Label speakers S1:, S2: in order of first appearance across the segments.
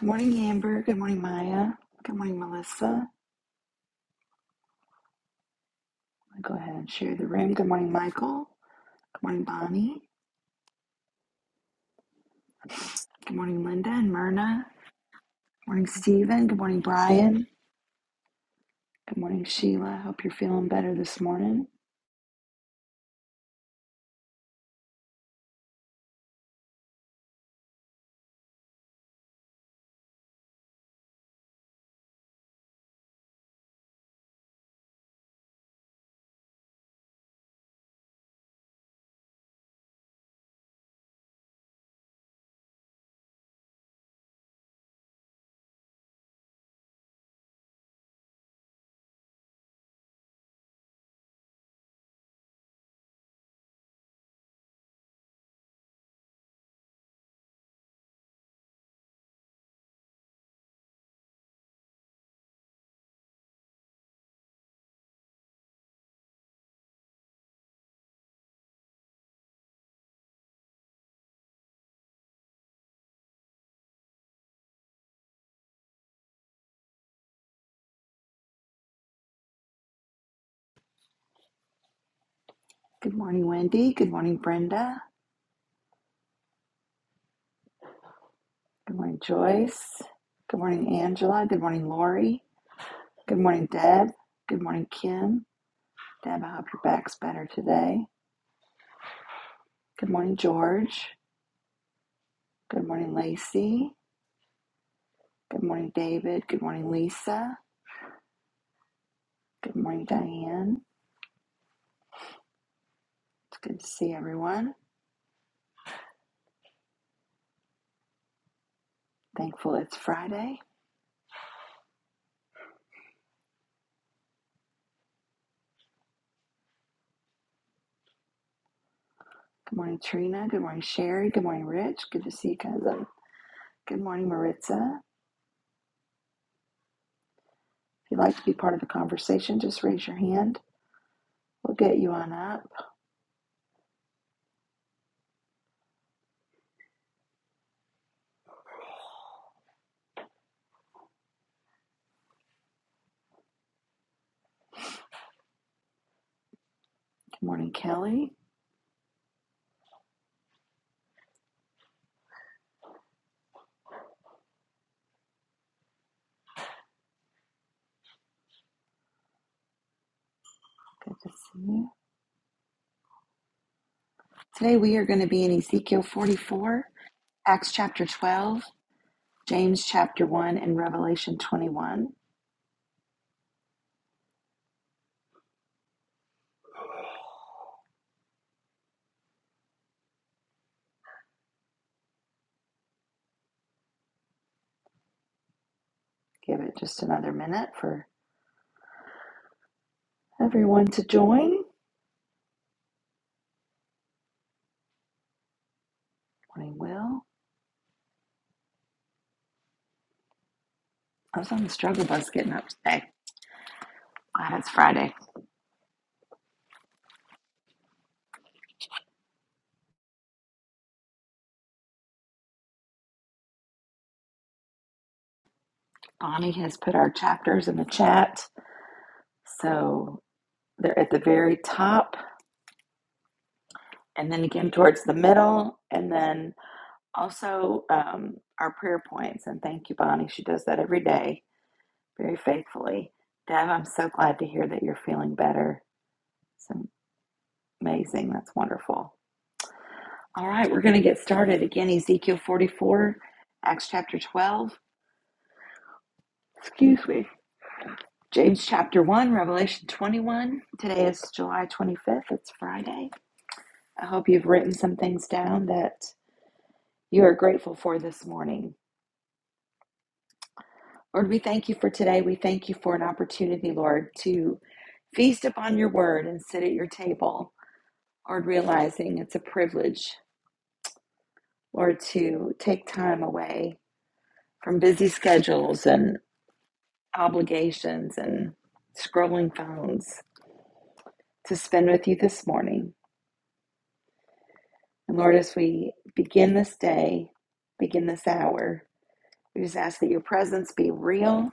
S1: Good morning, Amber. Good morning, Maya. Good morning, Melissa. I'll go ahead and share the room. Good morning, Michael. Good morning, Bonnie. Good morning, Linda and Myrna. Good morning, Stephen. Good morning, Brian. Good morning, Sheila. Hope you're feeling better this morning. Good morning, Wendy. Good morning, Brenda. Good morning, Joyce. Good morning, Angela. Good morning, Lori. Good morning, Deb. Good morning, Kim. Deb, I hope your back's better today. Good morning, George. Good morning, Lacey. Good morning, David. Good morning, Lisa. Good morning, Diane. It's good to see everyone. Thankful it's Friday. Good morning, Trina. Good morning, Sherry. Good morning, Rich. Good to see you, cousin. Good morning, Maritza. If you'd like to be part of the conversation, just raise your hand. We'll get you on up. Good morning, Kelly. Good to see you. Today we are going to be in Ezekiel 44, Acts chapter 12, James chapter 1, and Revelation 21. Give it just another minute for everyone to join. Morning, Will. I was on the struggle bus getting up today. Glad it's Friday. Bonnie has put our chapters in the chat. So they're at the very top and then again towards the middle. And then also um, our prayer points. And thank you, Bonnie. She does that every day very faithfully. Deb, I'm so glad to hear that you're feeling better. It's amazing. That's wonderful. All right, we're going to get started again. Ezekiel 44, Acts chapter 12. Excuse me. James chapter 1, Revelation 21. Today is July 25th. It's Friday. I hope you've written some things down that you are grateful for this morning. Lord, we thank you for today. We thank you for an opportunity, Lord, to feast upon your word and sit at your table. Lord, realizing it's a privilege, Lord, to take time away from busy schedules and obligations and scrolling phones to spend with you this morning. And Lord, as we begin this day, begin this hour, we just ask that your presence be real.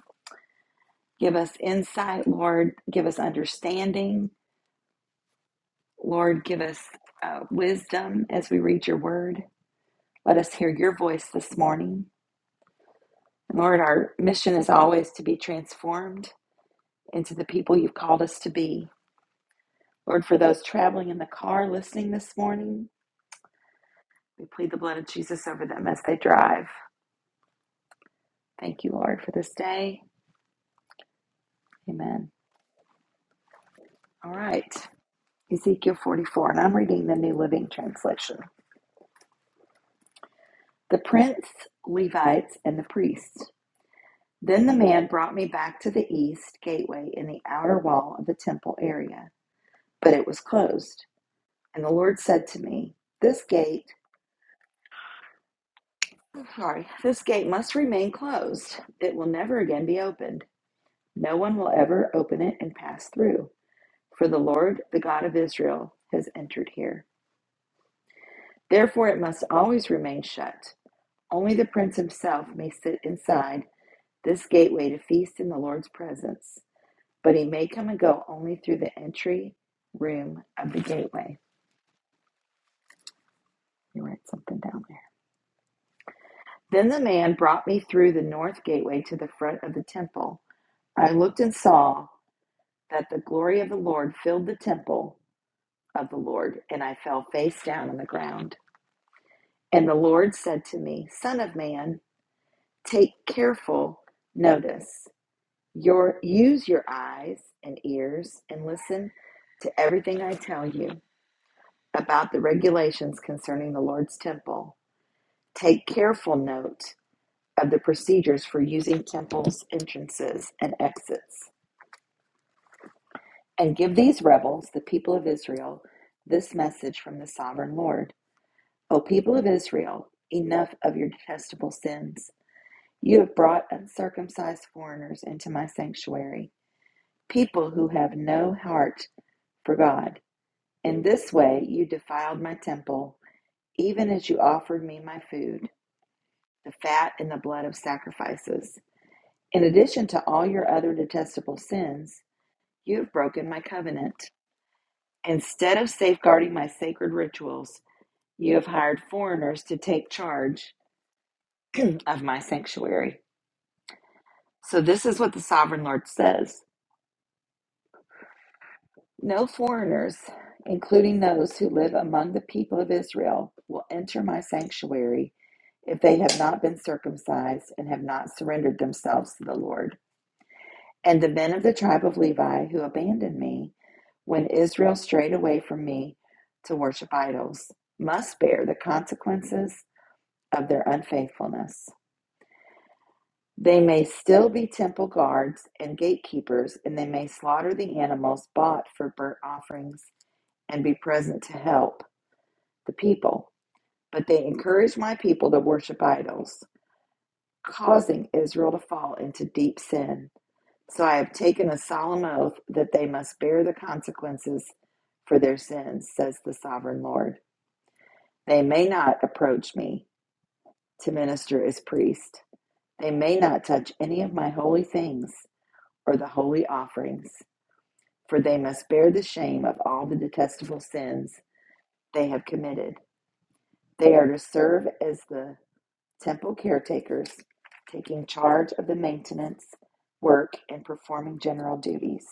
S1: Give us insight, Lord. Give us understanding. Lord, give us uh, wisdom as we read your word. Let us hear your voice this morning. And Lord, our mission is always to be transformed into the people you've called us to be. Lord, for those traveling in the car listening this morning, we plead the blood of Jesus over them as they drive. Thank you, Lord, for this day. Amen. All right. Ezekiel 44, and I'm reading the New Living Translation. The prince, Levites, and the priests. Then the man brought me back to the east gateway in the outer wall of the temple area, but it was closed. And the Lord said to me, This gate, sorry, this gate must remain closed. It will never again be opened. No one will ever open it and pass through, for the Lord, the God of Israel, has entered here. Therefore, it must always remain shut. Only the prince himself may sit inside this gateway to feast in the Lord's presence, but he may come and go only through the entry room of the gateway. You write something down there. Then the man brought me through the north gateway to the front of the temple. I looked and saw that the glory of the Lord filled the temple of the Lord, and I fell face down on the ground. And the Lord said to me, Son of man, take careful notice Your use your eyes and ears and listen to everything I tell you about the regulations concerning the Lord's temple. Take careful note of the procedures for using temples, entrances, and exits. And give these rebels, the people of Israel, this message from the sovereign Lord. O people of Israel, enough of your detestable sins. You have brought uncircumcised foreigners into my sanctuary, people who have no heart for God. In this way you defiled my temple, even as you offered me my food, the fat and the blood of sacrifices. In addition to all your other detestable sins, you have broken my covenant. Instead of safeguarding my sacred rituals, you have hired foreigners to take charge of my sanctuary. So, this is what the sovereign Lord says No foreigners, including those who live among the people of Israel, will enter my sanctuary if they have not been circumcised and have not surrendered themselves to the Lord. And the men of the tribe of Levi who abandoned me when Israel strayed away from me to worship idols must bear the consequences of their unfaithfulness. They may still be temple guards and gatekeepers, and they may slaughter the animals bought for burnt offerings and be present to help the people. But they encouraged my people to worship idols, causing Israel to fall into deep sin. So I have taken a solemn oath that they must bear the consequences for their sins, says the sovereign Lord. They may not approach me to minister as priest. They may not touch any of my holy things or the holy offerings, for they must bear the shame of all the detestable sins they have committed. They are to serve as the temple caretakers taking charge of the maintenance work and performing general duties.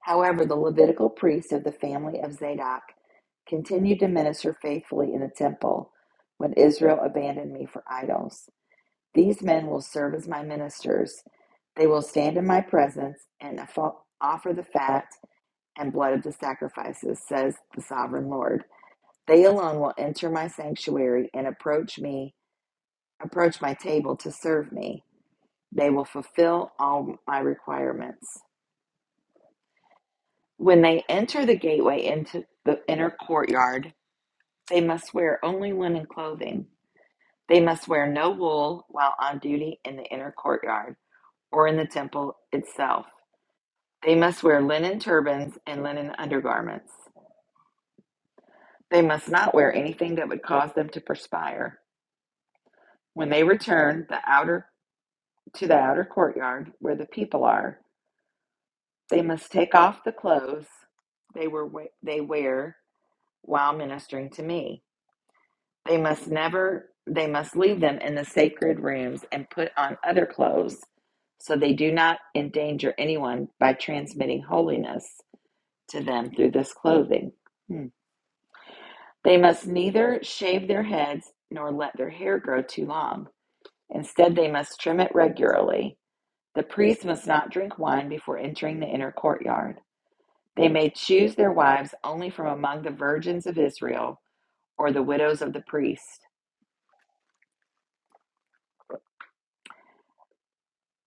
S1: However, the Levitical priests of the family of Zadok continued to minister faithfully in the temple when Israel abandoned me for idols. These men will serve as my ministers. They will stand in my presence and offer the fat and blood of the sacrifices, says the sovereign Lord. They alone will enter my sanctuary and approach me approach my table to serve me. They will fulfill all my requirements. When they enter the gateway into the inner courtyard, they must wear only linen clothing. They must wear no wool while on duty in the inner courtyard or in the temple itself. They must wear linen turbans and linen undergarments. They must not wear anything that would cause them to perspire. When they return the outer to the outer courtyard where the people are, They must take off the clothes they were they wear while ministering to me. They must never they must leave them in the sacred rooms and put on other clothes so they do not endanger anyone by transmitting holiness to them through this clothing. Hmm. They must neither shave their heads nor let their hair grow too long. Instead, they must trim it regularly. The priest must not drink wine before entering the inner courtyard. They may choose their wives only from among the virgins of Israel or the widows of the priest.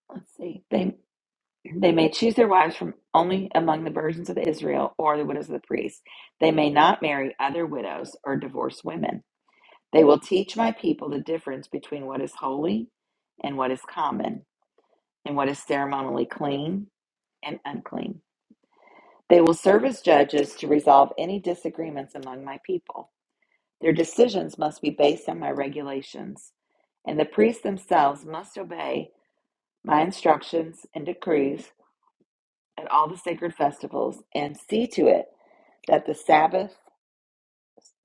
S1: Let's see. They they may choose their wives from only among the virgins of Israel or the widows of the priests. They may not marry other widows or divorced women. They will teach my people the difference between what is holy and what is common, and what is ceremonially clean and unclean. They will serve as judges to resolve any disagreements among my people. Their decisions must be based on my regulations, and the priests themselves must obey my instructions and decrees at all the sacred festivals and see to it that the Sabbath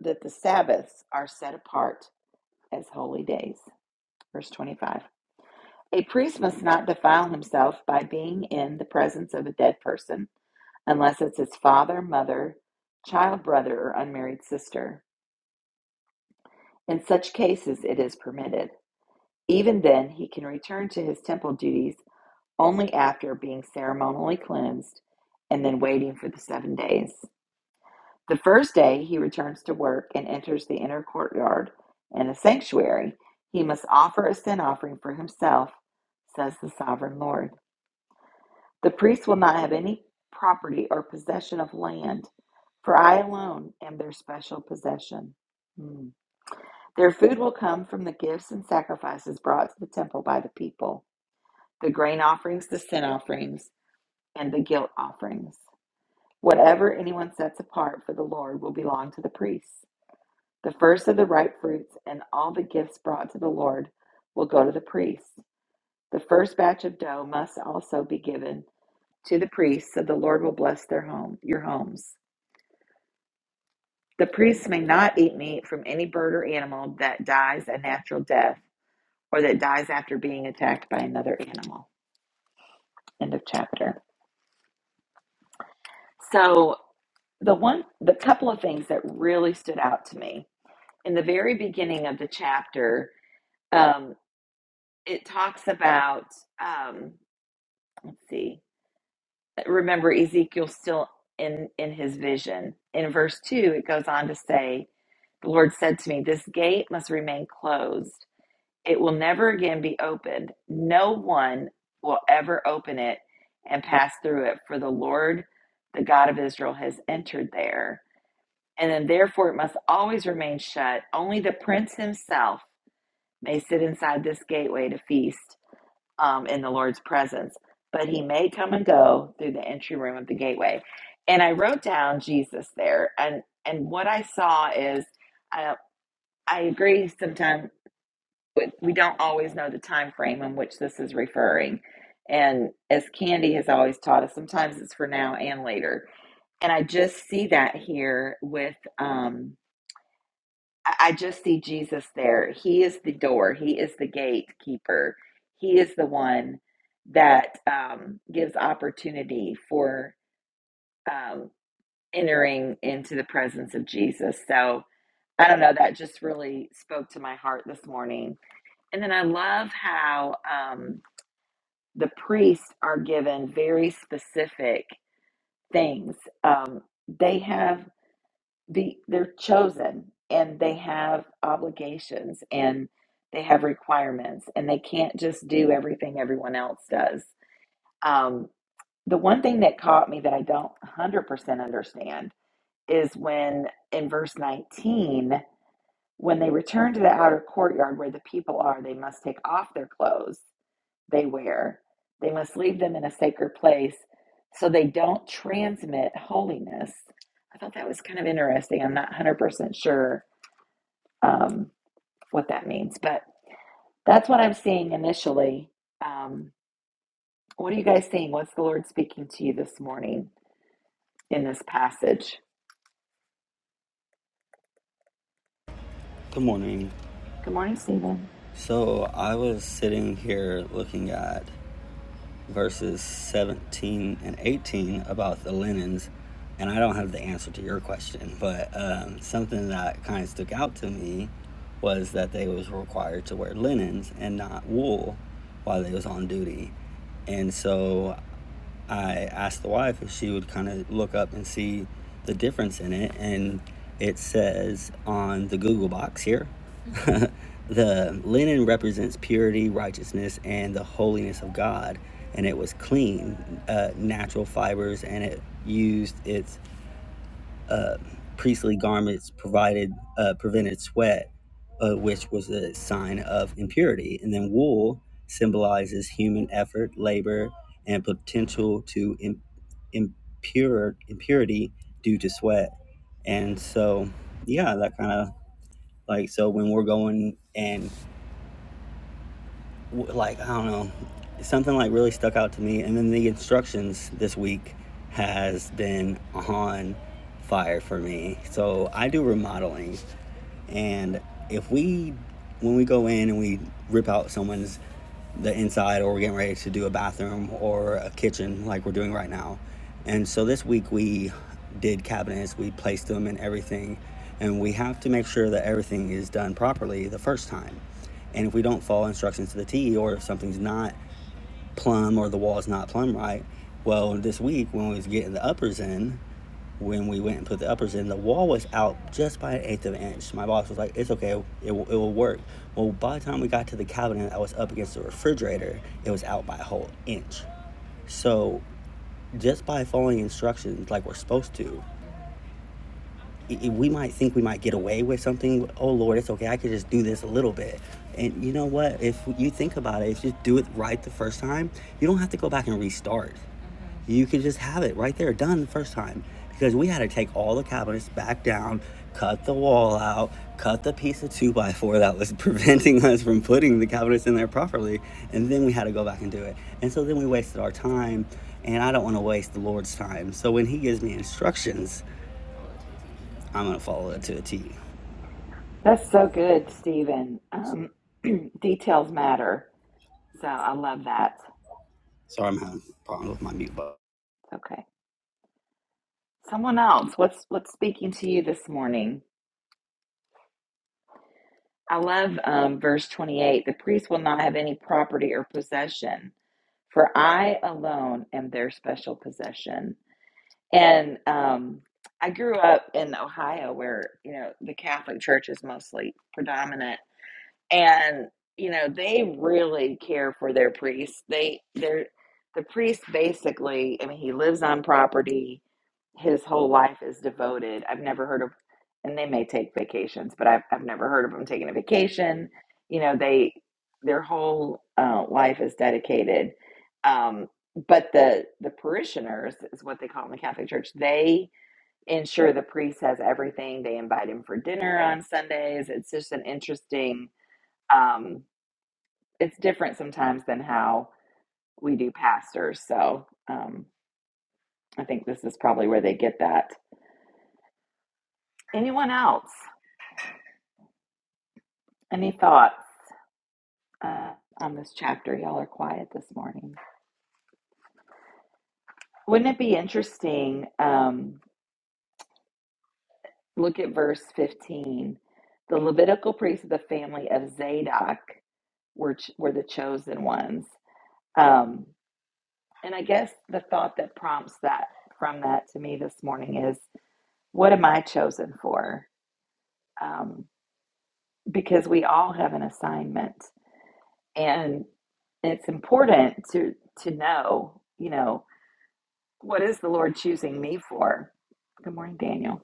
S1: that the Sabbaths are set apart as holy days. Verse 25. A priest must not defile himself by being in the presence of a dead person unless it's his father, mother, child brother, or unmarried sister. In such cases it is permitted. Even then, he can return to his temple duties only after being ceremonially cleansed and then waiting for the seven days. The first day, he returns to work and enters the inner courtyard and the sanctuary. He must offer a sin offering for himself, says the sovereign Lord. The priest will not have any property or possession of land, for I alone am their special possession. Hmm. Their food will come from the gifts and sacrifices brought to the temple by the people. the grain offerings, the sin offerings, and the guilt offerings. Whatever anyone sets apart for the Lord will belong to the priests. The first of the ripe fruits and all the gifts brought to the Lord will go to the priests. The first batch of dough must also be given to the priests, so the Lord will bless their home, your homes. The priests may not eat meat from any bird or animal that dies a natural death or that dies after being attacked by another animal. End of chapter. So the one the couple of things that really stood out to me in the very beginning of the chapter um it talks about um let's see remember ezekiel's still in in his vision in verse 2 it goes on to say the lord said to me this gate must remain closed it will never again be opened no one will ever open it and pass through it for the lord the god of israel has entered there and then therefore it must always remain shut. Only the prince himself may sit inside this gateway to feast um, in the Lord's presence, but he may come and go through the entry room of the gateway. And I wrote down Jesus there, and and what I saw is, I I agree. Sometimes we don't always know the time frame in which this is referring, and as Candy has always taught us, sometimes it's for now and later. And I just see that here with. Um, I I just see Jesus there. He is the door. He is the gatekeeper. He is the one that um, gives opportunity for um, entering into the presence of Jesus. So I don't know. That just really spoke to my heart this morning. And then I love how um, the priests are given very specific things. Um, they have. the they're chosen and they have obligations and they have requirements and they can't just do everything everyone else does. Um, the one thing that caught me that I don't 100% understand is when in verse 19, when they return to the outer courtyard where the people are, they must take off their clothes they wear. They must leave them in a sacred place so they don't transmit holiness. I thought that was kind of interesting. I'm not 100% sure um, what that means. But that's what I'm seeing initially. Um, what are you guys seeing? What's the Lord speaking to you this morning in this passage?
S2: Good morning.
S1: Good morning, Stephen.
S2: So I was sitting here looking at verses 17 and 18 about the linens, and I don't have the answer to your question, but um, something that kind of stuck out to me was that they was required to wear linens and not wool while they was on duty. And so I asked the wife if she would kind of look up and see the difference in it, and it says on the Google box here the linen represents purity, righteousness, and the holiness of God, and it was clean, uh, natural fibers, and it used its uh, priestly garments provided uh, prevented sweat, uh, which was a sign of impurity. And then wool symbolizes human effort, labor, and potential to im- impure impurity due to sweat. And so, yeah, that kind of like so when we're going and like I don't know, something like really stuck out to me. And then the instructions this week has been on fire for me. So I do remodeling, and if we, when we go in and we rip out someone's the inside, or we're getting ready to do a bathroom or a kitchen like we're doing right now, and so this week we did cabinets, we placed them and everything, and we have to make sure that everything is done properly the first time. And if we don't follow instructions to the T, or if something's not plumb or the wall's not plumb right. Well, this week when we was getting the uppers in, when we went and put the uppers in, the wall was out just by an eighth of an inch. My boss was like, "It's okay, it will, it will work." Well, by the time we got to the cabinet that was up against the refrigerator, it was out by a whole inch. So, just by following instructions like we're supposed to, we might think we might get away with something. Oh Lord, it's okay. I could just do this a little bit. And you know what? If you think about it, if you do it right the first time, you don't have to go back and restart. Mm-hmm. You can just have it right there, done the first time. Because we had to take all the cabinets back down, cut the wall out, cut the piece of two by four that was preventing us from putting the cabinets in there properly, and then we had to go back and do it. And so then we wasted our time, and I don't want to waste the Lord's time. So when He gives me instructions, I'm gonna follow that to a T.
S1: That's so good, Stephen. Um, details matter, so I love that.
S2: Sorry, I'm having a problem with my mute
S1: Okay, someone else. What's what's speaking to you this morning? I love um, verse 28. The priest will not have any property or possession, for I alone am their special possession. And um, I grew up in Ohio where, you know, the Catholic Church is mostly predominant and you know they really care for their priests they they're the priest basically i mean he lives on property his whole life is devoted i've never heard of and they may take vacations but i've, I've never heard of them taking a vacation you know they their whole uh, life is dedicated um, but the the parishioners is what they call in the catholic church they ensure the priest has everything they invite him for dinner on sundays it's just an interesting um, it's different sometimes than how we do pastors. So um, I think this is probably where they get that. Anyone else? Any thoughts uh, on this chapter? Y'all are quiet this morning. Wouldn't it be interesting? Um, look at verse 15. The Levitical priests of the family of Zadok were, ch- were the chosen ones. Um, and I guess the thought that prompts that from that to me this morning is what am I chosen for? Um, because we all have an assignment and it's important to to know you know what is the lord choosing me for good morning daniel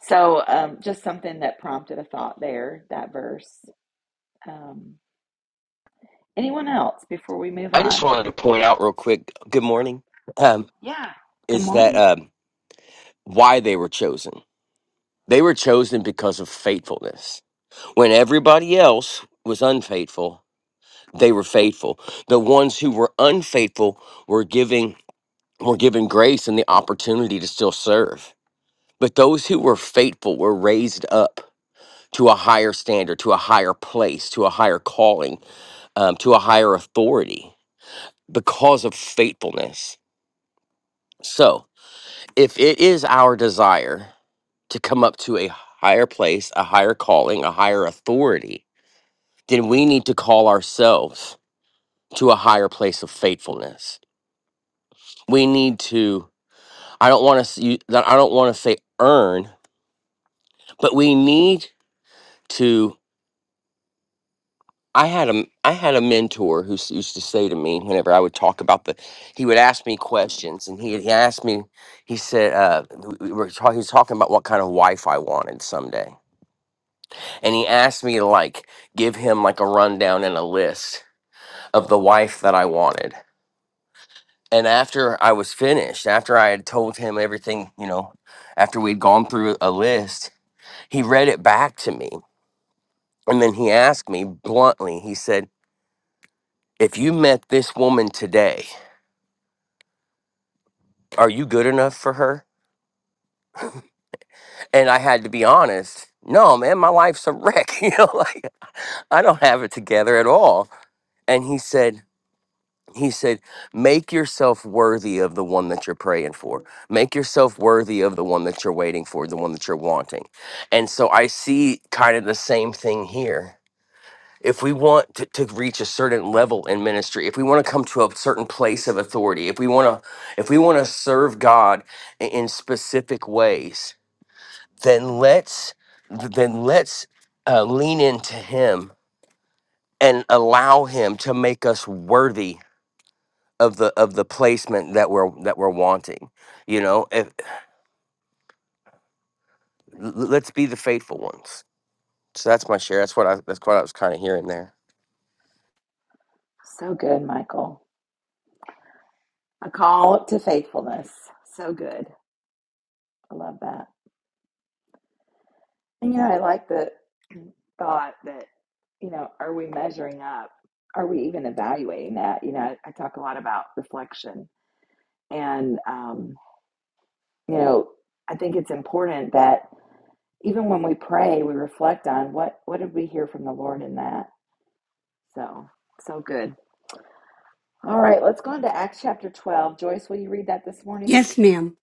S1: so um, just something that prompted a thought there that verse um, anyone else before we move
S3: I just
S1: on
S3: wanted to point out real quick. Good morning. Um,
S1: yeah good
S3: is that
S1: morning
S3: um, why they were chosen? They were chosen because of faithfulness. When everybody else was unfaithful, they were faithful. The ones who were unfaithful were giving were given grace and the opportunity to still serve. But those who were faithful were raised up to a higher standard, to a higher place, to a higher calling, um, to a higher authority because of faithfulness. So if it is our desire to come up to a higher place, a higher calling, a higher authority, then we need to call ourselves to a higher place of faithfulness. We need to I don't want to I don't want to say earn, but we need to I had a I had a mentor who s- used to say to me whenever I would talk about the he would ask me questions and he, he asked me he said uh, we we were talking he was talking about what kind of wife I wanted someday and he asked me to like give him like a rundown and a list of the wife that I wanted. And after I was finished, after I had told him everything, you know, after we'd gone through a list, he read it back to me. And then he asked me bluntly, he said, If you met this woman today, are you good enough for her? And I had to be honest, no, man, my life's a wreck. You know, like I don't have it together at all. And he said, he said, Make yourself worthy of the one that you're praying for. Make yourself worthy of the one that you're waiting for, the one that you're wanting. And so I see kind of the same thing here. If we want to, to reach a certain level in ministry, if we want to come to a certain place of authority, if we want to, if we want to serve God i- in specific ways, then let's then let's uh, lean into Him and allow Him to make us worthy of the of the placement that we're that we're wanting. You know, if, l- let's be the faithful ones. So that's my share. That's what I that's what I was kind of hearing there.
S1: so good michael a call to faithfulness so good i love that and you know i like the thought that, you know, are we measuring up? Are we even evaluating that? You know, I, I talk a lot about reflection. And, um, you know, I think it's important that even when we pray, we reflect on what, what did we hear from the Lord in that? So, so good. All right, let's go into Acts chapter 12. Joyce, will you read that this morning?
S4: Yes, ma'am.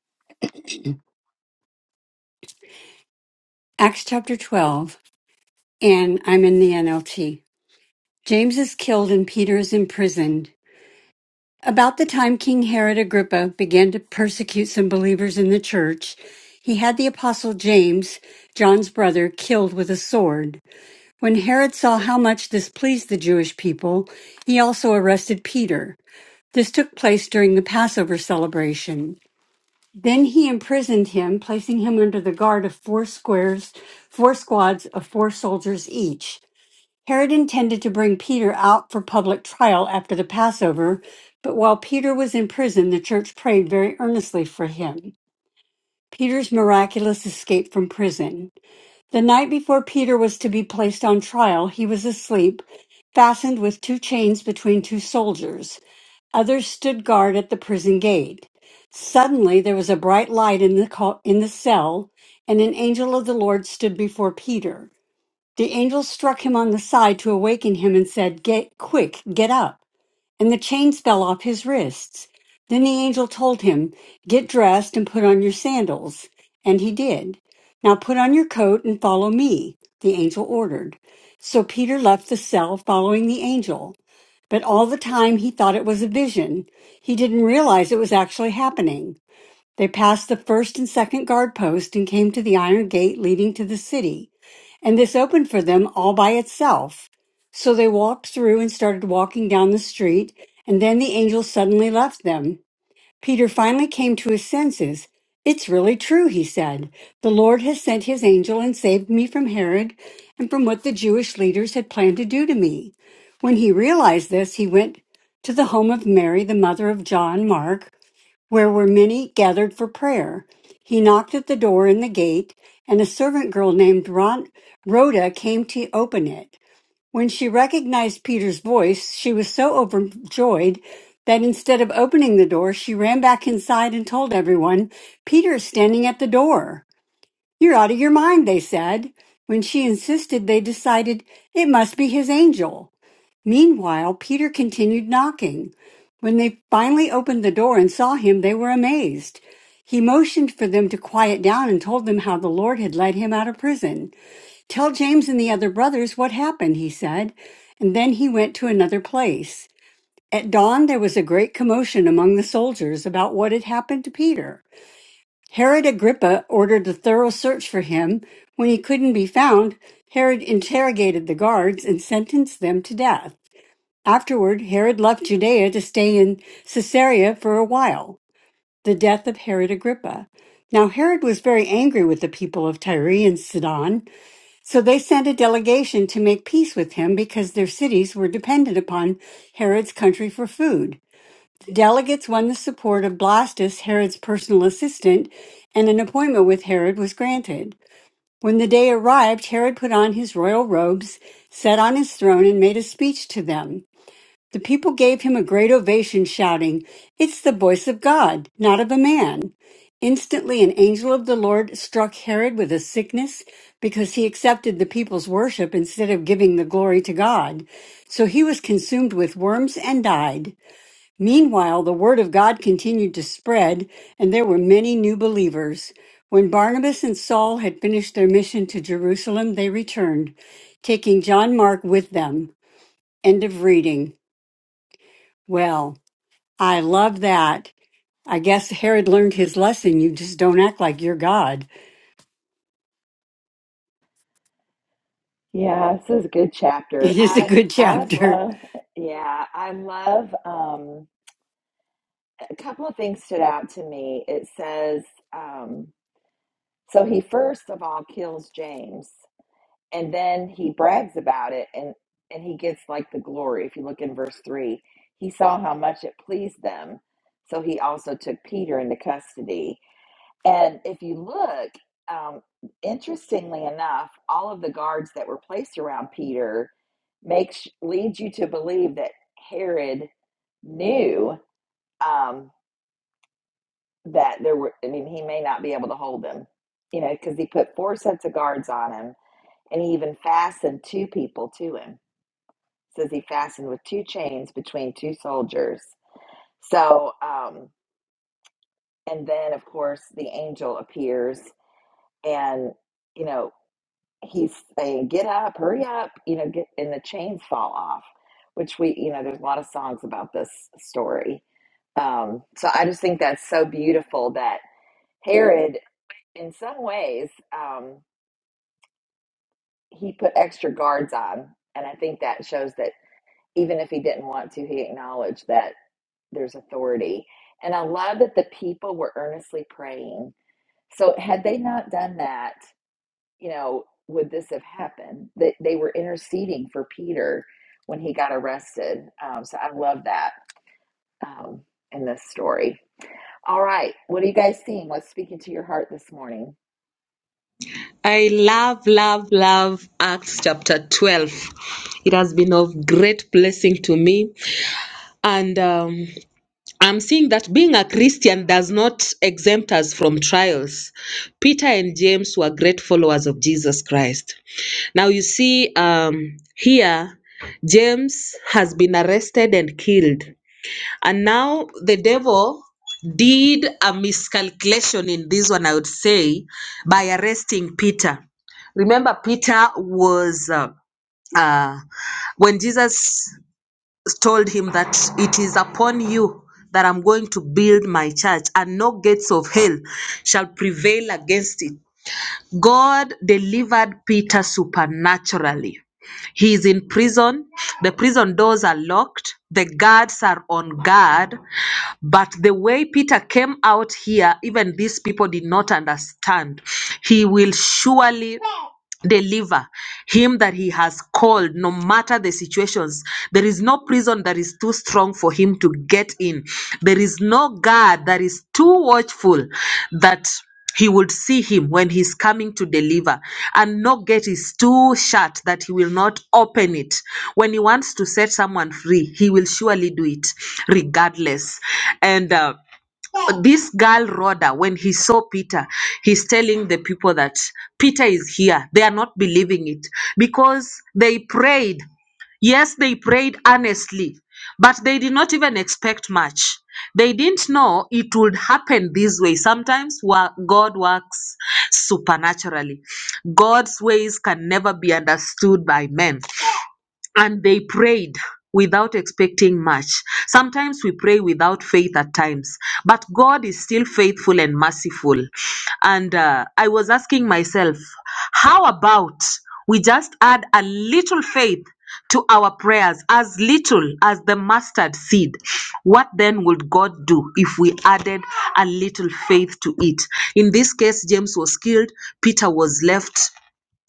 S4: Acts chapter 12, and I'm in the NLT. James is killed and Peter is imprisoned. About the time King Herod Agrippa began to persecute some believers in the church, he had the apostle James, John's brother, killed with a sword. When Herod saw how much this pleased the Jewish people, he also arrested Peter. This took place during the Passover celebration. Then he imprisoned him, placing him under the guard of four squares, four squads of four soldiers each. Herod intended to bring Peter out for public trial after the Passover, but while Peter was in prison, the church prayed very earnestly for him. Peter's miraculous escape from prison. The night before Peter was to be placed on trial, he was asleep, fastened with two chains between two soldiers. Others stood guard at the prison gate. Suddenly there was a bright light in the co- in the cell, and an angel of the Lord stood before Peter. The angel struck him on the side to awaken him and said, "Get quick, get up." and the chains fell off his wrists. Then the angel told him, Get dressed and put on your sandals. And he did. Now put on your coat and follow me, the angel ordered. So Peter left the cell following the angel. But all the time he thought it was a vision. He didn't realize it was actually happening. They passed the first and second guard post and came to the iron gate leading to the city. And this opened for them all by itself. So they walked through and started walking down the street. And then the angel suddenly left them. Peter finally came to his senses. It's really true, he said. The Lord has sent his angel and saved me from Herod and from what the Jewish leaders had planned to do to me. When he realized this, he went to the home of Mary, the mother of John Mark where were many gathered for prayer. He knocked at the door in the gate, and a servant girl named Ron- Rhoda came to open it. When she recognized Peter's voice, she was so overjoyed that instead of opening the door, she ran back inside and told everyone, Peter is standing at the door. You're out of your mind, they said. When she insisted, they decided it must be his angel. Meanwhile, Peter continued knocking. When they finally opened the door and saw him, they were amazed. He motioned for them to quiet down and told them how the Lord had led him out of prison. Tell James and the other brothers what happened, he said, and then he went to another place. At dawn, there was a great commotion among the soldiers about what had happened to Peter. Herod Agrippa ordered a thorough search for him. When he couldn't be found, Herod interrogated the guards and sentenced them to death. Afterward, Herod left Judea to stay in Caesarea for a while. The death of Herod Agrippa. Now, Herod was very angry with the people of Tyre and Sidon, so they sent a delegation to make peace with him because their cities were dependent upon Herod's country for food. Delegates won the support of Blastus, Herod's personal assistant, and an appointment with Herod was granted. When the day arrived, Herod put on his royal robes, sat on his throne, and made a speech to them. The people gave him a great ovation, shouting, It's the voice of God, not of a man. Instantly, an angel of the Lord struck Herod with a sickness because he accepted the people's worship instead of giving the glory to God. So he was consumed with worms and died. Meanwhile, the word of God continued to spread, and there were many new believers. When Barnabas and Saul had finished their mission to Jerusalem, they returned, taking John Mark with them. End of reading. Well, I love that. I guess Herod learned his lesson. You just don't act like you're God.
S1: Yeah, this is a good chapter.
S4: It is a
S1: I
S4: good
S1: I
S4: chapter.
S1: love, yeah, I love um a couple of things stood out to me. It says, um, So he first of all kills James and then he brags about it and and he gets like the glory. If you look in verse 3, he saw how much it pleased them. So he also took Peter into custody. And if you look, um, interestingly enough, all of the guards that were placed around Peter makes leads you to believe that Herod knew. Um, that there were, I mean, he may not be able to hold them, you know, because he put four sets of guards on him and he even fastened two people to him. It says he fastened with two chains between two soldiers. So, um, and then of course the angel appears and, you know, he's saying, get up, hurry up, you know, get, and the chains fall off, which we, you know, there's a lot of songs about this story. Um, so I just think that's so beautiful that Herod in some ways, um, he put extra guards on. And I think that shows that even if he didn't want to, he acknowledged that there's authority. And I love that the people were earnestly praying. So, had they not done that, you know, would this have happened? That they were interceding for Peter when he got arrested. Um, so, I love that um, in this story. All right. What are you guys seeing? What's speaking to your heart this morning?
S5: I love, love, love Acts chapter 12. It has been of great blessing to me. And um, I'm seeing that being a Christian does not exempt us from trials. Peter and James were great followers of Jesus Christ. Now, you see, um, here, James has been arrested and killed. And now the devil did a miscalculation in this one, I would say, by arresting Peter. Remember, Peter was, uh, uh, when Jesus told him that it is upon you that I'm going to build my church, and no gates of hell shall prevail against it. God delivered Peter supernaturally. He is in prison. The prison doors are locked. The guards are on guard. But the way Peter came out here, even these people did not understand. He will surely deliver him that he has called no matter the situations there is no prison that is too strong for him to get in there is no guard that is too watchful that he would see him when he's coming to deliver and no gate is too shut that he will not open it when he wants to set someone free he will surely do it regardless and uh, this girl Rhoda, when he saw Peter, he's telling the people that Peter is here. They are not believing it because they prayed. Yes, they prayed earnestly, but they did not even expect much. They didn't know it would happen this way. Sometimes wa- God works supernaturally. God's ways can never be understood by men. And they prayed without expecting much. Sometimes we pray without faith at times, but God is still faithful and merciful. And uh, I was asking myself, how about we just add a little faith to our prayers, as little as the mustard seed? What then would God do if we added a little faith to it? In this case, James was killed, Peter was left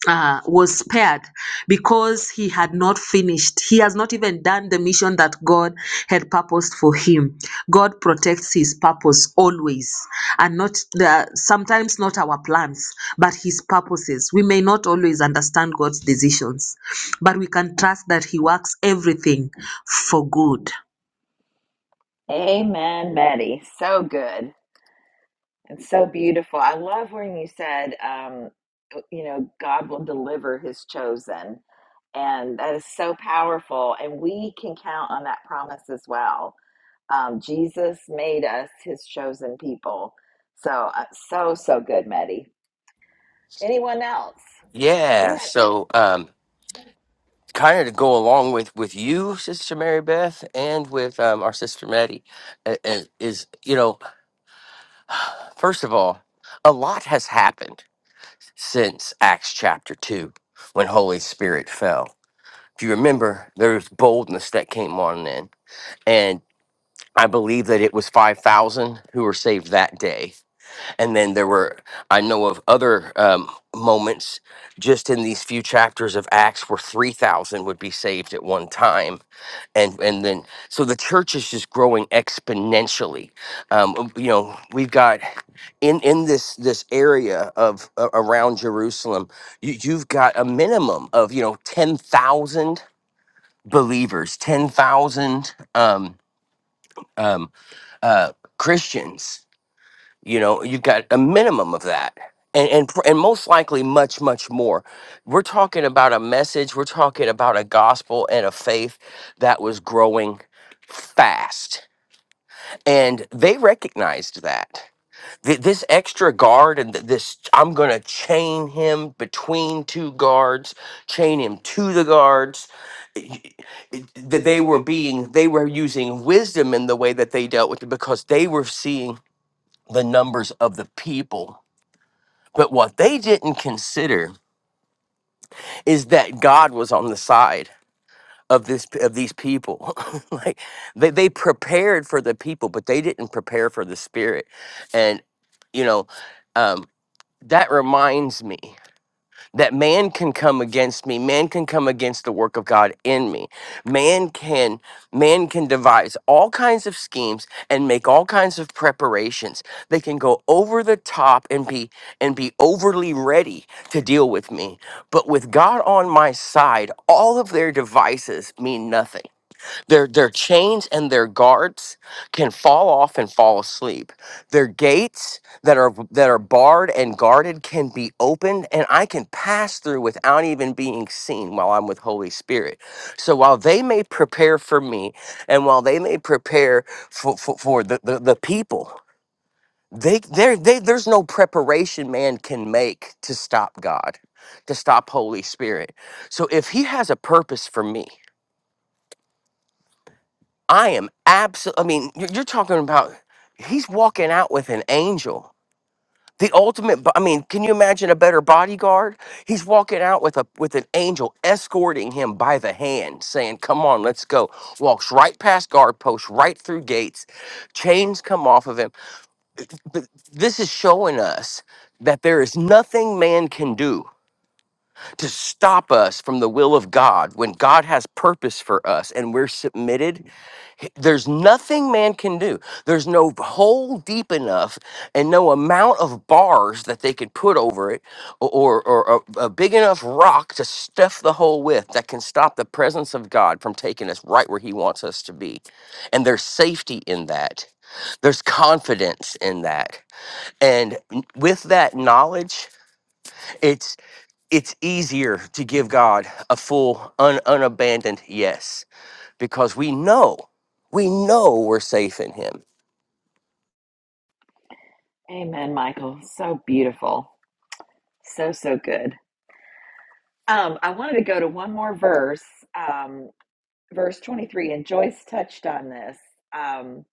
S5: uh, was spared because he had not finished. He has not even done the mission that God had purposed for him. God protects his purpose always, and not the sometimes not our plans, but his purposes. We may not always understand God's decisions, but we can trust that he works everything for good.
S1: Amen, Betty. So good and so beautiful. I love when you said, um, you know, God will deliver his chosen. And that is so powerful. And we can count on that promise as well. Um, Jesus made us his chosen people. So, uh, so, so good, Betty. Anyone else?
S3: Yeah.
S1: Good.
S3: So um, kind of to go along with with you, Sister Mary Beth, and with um, our sister Maddie, uh, uh, is you know, first of all, a lot has happened since Acts chapter two when Holy Spirit fell. If you remember, there was boldness that came on then and. I believe that it was 5,000 who were saved that day. And then there were, I know of other um, moments just in these few chapters of Acts where 3,000 would be saved at one time. And, and then, so the church is just growing exponentially. Um, you know, we've got in, in this, this area of uh, around Jerusalem, you, you've got a minimum of, you know, 10,000 believers, 10,000, um, um, uh, Christians. You know, you've got a minimum of that, and and pr- and most likely much much more. We're talking about a message. We're talking about a gospel and a faith that was growing fast, and they recognized that. Th- This extra guard and th- this, I'm gonna chain him between two guards, chain him to the guards. y- y- That they were being, they were using wisdom in the way that they dealt with it because they were seeing the numbers of the people. But what they didn't consider is that God was on the side of this of these people. like they, they prepared for the people, but they didn't prepare for the spirit. And you know, um, that reminds me. that man can come against me man can come against the work of god in me man can man can devise all kinds of schemes and make all kinds of preparations they can go over the top and be and be overly ready to deal with me but with god on my side all of their devices mean nothing their, their chains and their guards can fall off and fall asleep. Their gates that are that are barred and guarded can be opened and I can pass through without even being seen while I'm with Holy Spirit. So while they may prepare for me and while they may prepare for, for, for the, the, the people, they, there they there's no preparation man can make to stop God, to stop Holy Spirit. So if he has a purpose for me, I am absolutely, I mean, you're, you're talking about he's walking out with an angel. The ultimate, bo- I mean, can you imagine a better bodyguard? He's walking out with a with an angel escorting him by the hand, saying, "Come on, let's go." Walks right past guard posts, right through gates. Chains come off of him. But this is showing us that there is nothing man can do to stop us from the will of God when God has purpose for us and we're submitted. h- There's nothing man can do. There's no hole deep enough and no amount of bars that they could put over it or, or, or a, a big enough rock to stuff the hole with that can stop the presence of God from taking us right where he wants us to be. And there's safety in that. There's confidence in that. And n- with that knowledge, it's easier to give God a full, un- unabandoned yes because we know, we know we're safe in Him.
S1: Amen, Michael. So beautiful. So, so good. Um, I wanted to go to one more verse Um, verse 23 and joyce touched on this um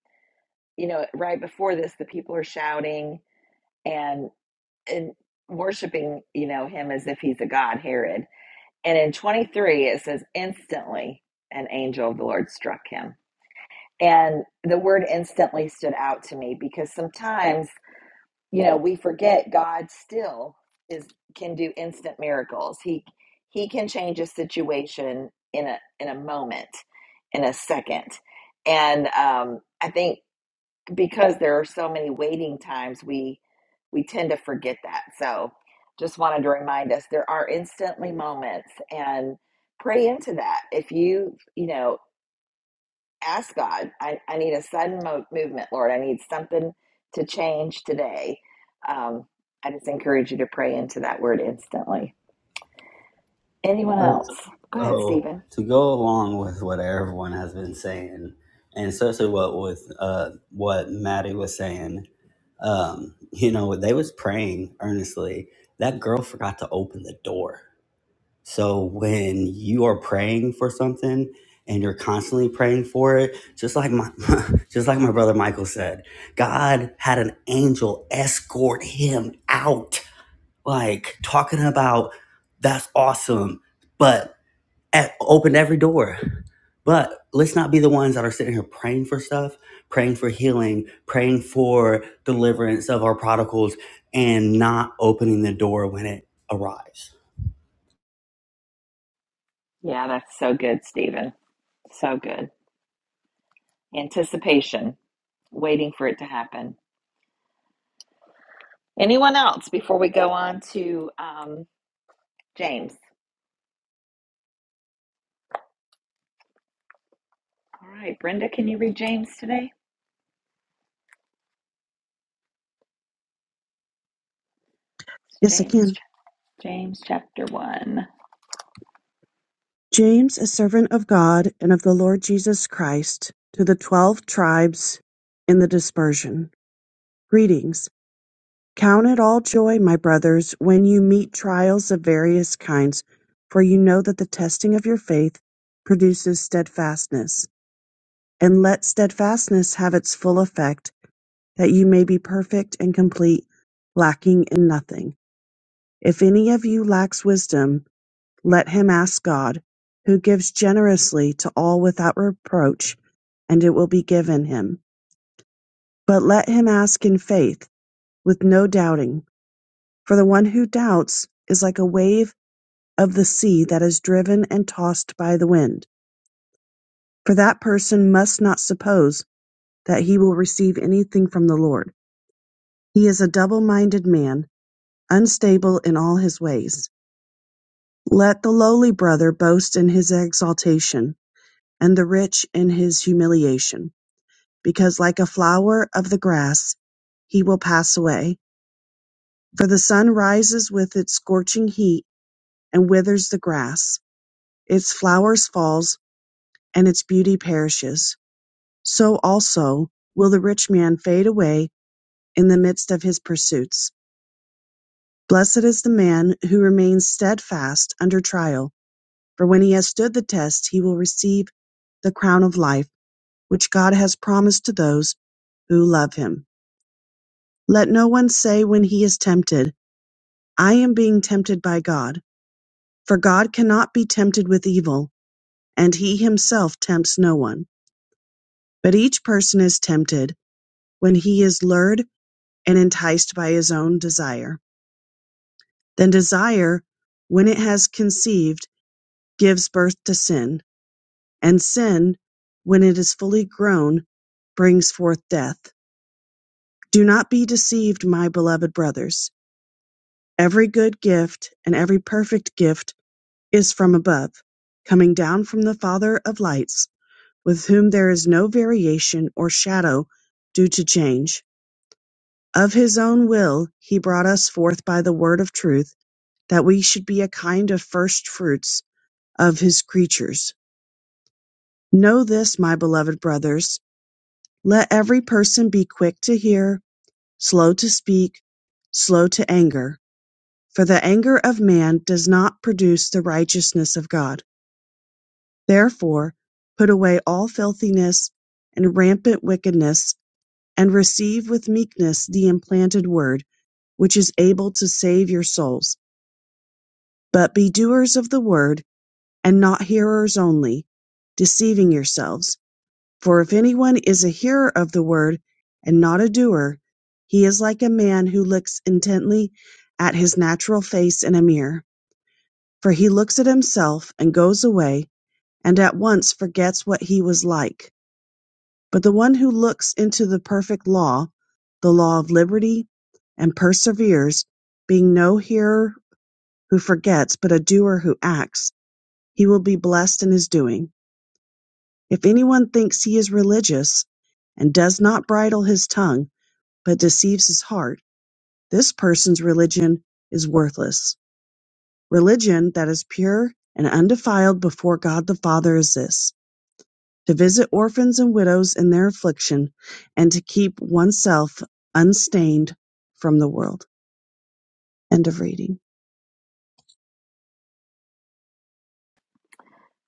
S1: you know right before this the people are shouting and and worshiping you know him as if he's a god herod and in 23 it says instantly an angel of the lord struck him and the word instantly stood out to me because sometimes you know we forget god still is can do instant miracles he he can change a situation in a in a moment in a second and um i think because there are so many waiting times we we tend to forget that so just wanted to remind us there are instantly moments and pray into that if you you know ask God, I, I need a sudden mo- movement, Lord. I need something to change today. Um, I just encourage you to pray into that word instantly. Anyone
S2: button.
S1: else? Go ahead,
S2: So
S1: Stephen.
S2: to go along with what everyone has been saying, and especially what with uh, what Maddie was saying, um, you know, they was praying earnestly. That girl forgot to open the door. So when you are praying for something and you're constantly praying for it, just like my just like my brother Michael said, God had an angel escort him out like talking about that's awesome, but at, opened every door. But let's not be the ones that are sitting here praying for stuff, praying for healing, praying for deliverance of our prodigals, and not opening the door when it arrives.
S1: Yeah, that's so good, Stephen. So good. Anticipation, waiting for it to happen. Anyone else before we go on to um, James? All right, Brenda, can you read James today? It's
S6: Yes, I
S1: James,
S6: can.
S1: James chapter 1.
S6: James, a servant of God and of the Lord Jesus Christ, to the twelve tribes in the dispersion. Greetings. Count it all joy, my brothers, when you meet trials of various kinds, for you know that the testing of your faith produces steadfastness. And let steadfastness have its full effect, that you may be perfect and complete, lacking in nothing. If any of you lacks wisdom, Let him ask God, who gives generously to all without reproach, and it will be given him. But let him ask in faith, with no doubting. For the one who doubts is like a wave of the sea that is driven and tossed by the wind. For that person must not suppose that he will receive anything from the Lord. He is a double minded man, unstable in all his ways. Let the lowly brother boast in his exaltation, and the rich in his humiliation because like a flower of the grass he will pass away. For the sun rises with its scorching heat and withers the grass, its flowers falls, and its beauty perishes. So also will the rich man fade away in the midst of his pursuits. Blessed is the man who remains steadfast under trial, for when he has stood the test, he will receive the crown of life which God has promised to those who love him. Let no one say when he is tempted, I am being tempted by God. For God cannot be tempted with evil, and he himself tempts no one. But each person is tempted when he is lured and enticed by his own desire. Then desire, when it has conceived, gives birth to sin, and sin, when it is fully grown, brings forth death. Do not be deceived, my beloved brothers. Every good gift and every perfect gift is from above, coming down from the Father of lights with whom there is no variation or shadow due to change. Of his own will he brought us forth by the word of truth, that we should be a kind of first fruits of his creatures. Know this, my beloved brothers. Let every person be quick to hear, slow to speak, slow to anger. For the anger of man does not produce the righteousness of God. Therefore, put away all filthiness and rampant wickedness and receive with meekness the implanted word, which is able to save your souls. But be doers of the word, and not hearers only, deceiving yourselves. For if anyone is a hearer of the word, and not a doer, he is like a man who looks intently at his natural face in a mirror. For he looks at himself, and goes away, and at once forgets what he was like. But the one who looks into the perfect law, the law of liberty, and perseveres, being no hearer who forgets, but a doer who acts, he will be blessed in his doing. If anyone thinks he is religious and does not bridle his tongue, but deceives his heart, this person's religion is worthless. Religion that is pure and undefiled before God the Father is this. to visit orphans and widows in their affliction, and to keep oneself unstained from the world. End of reading.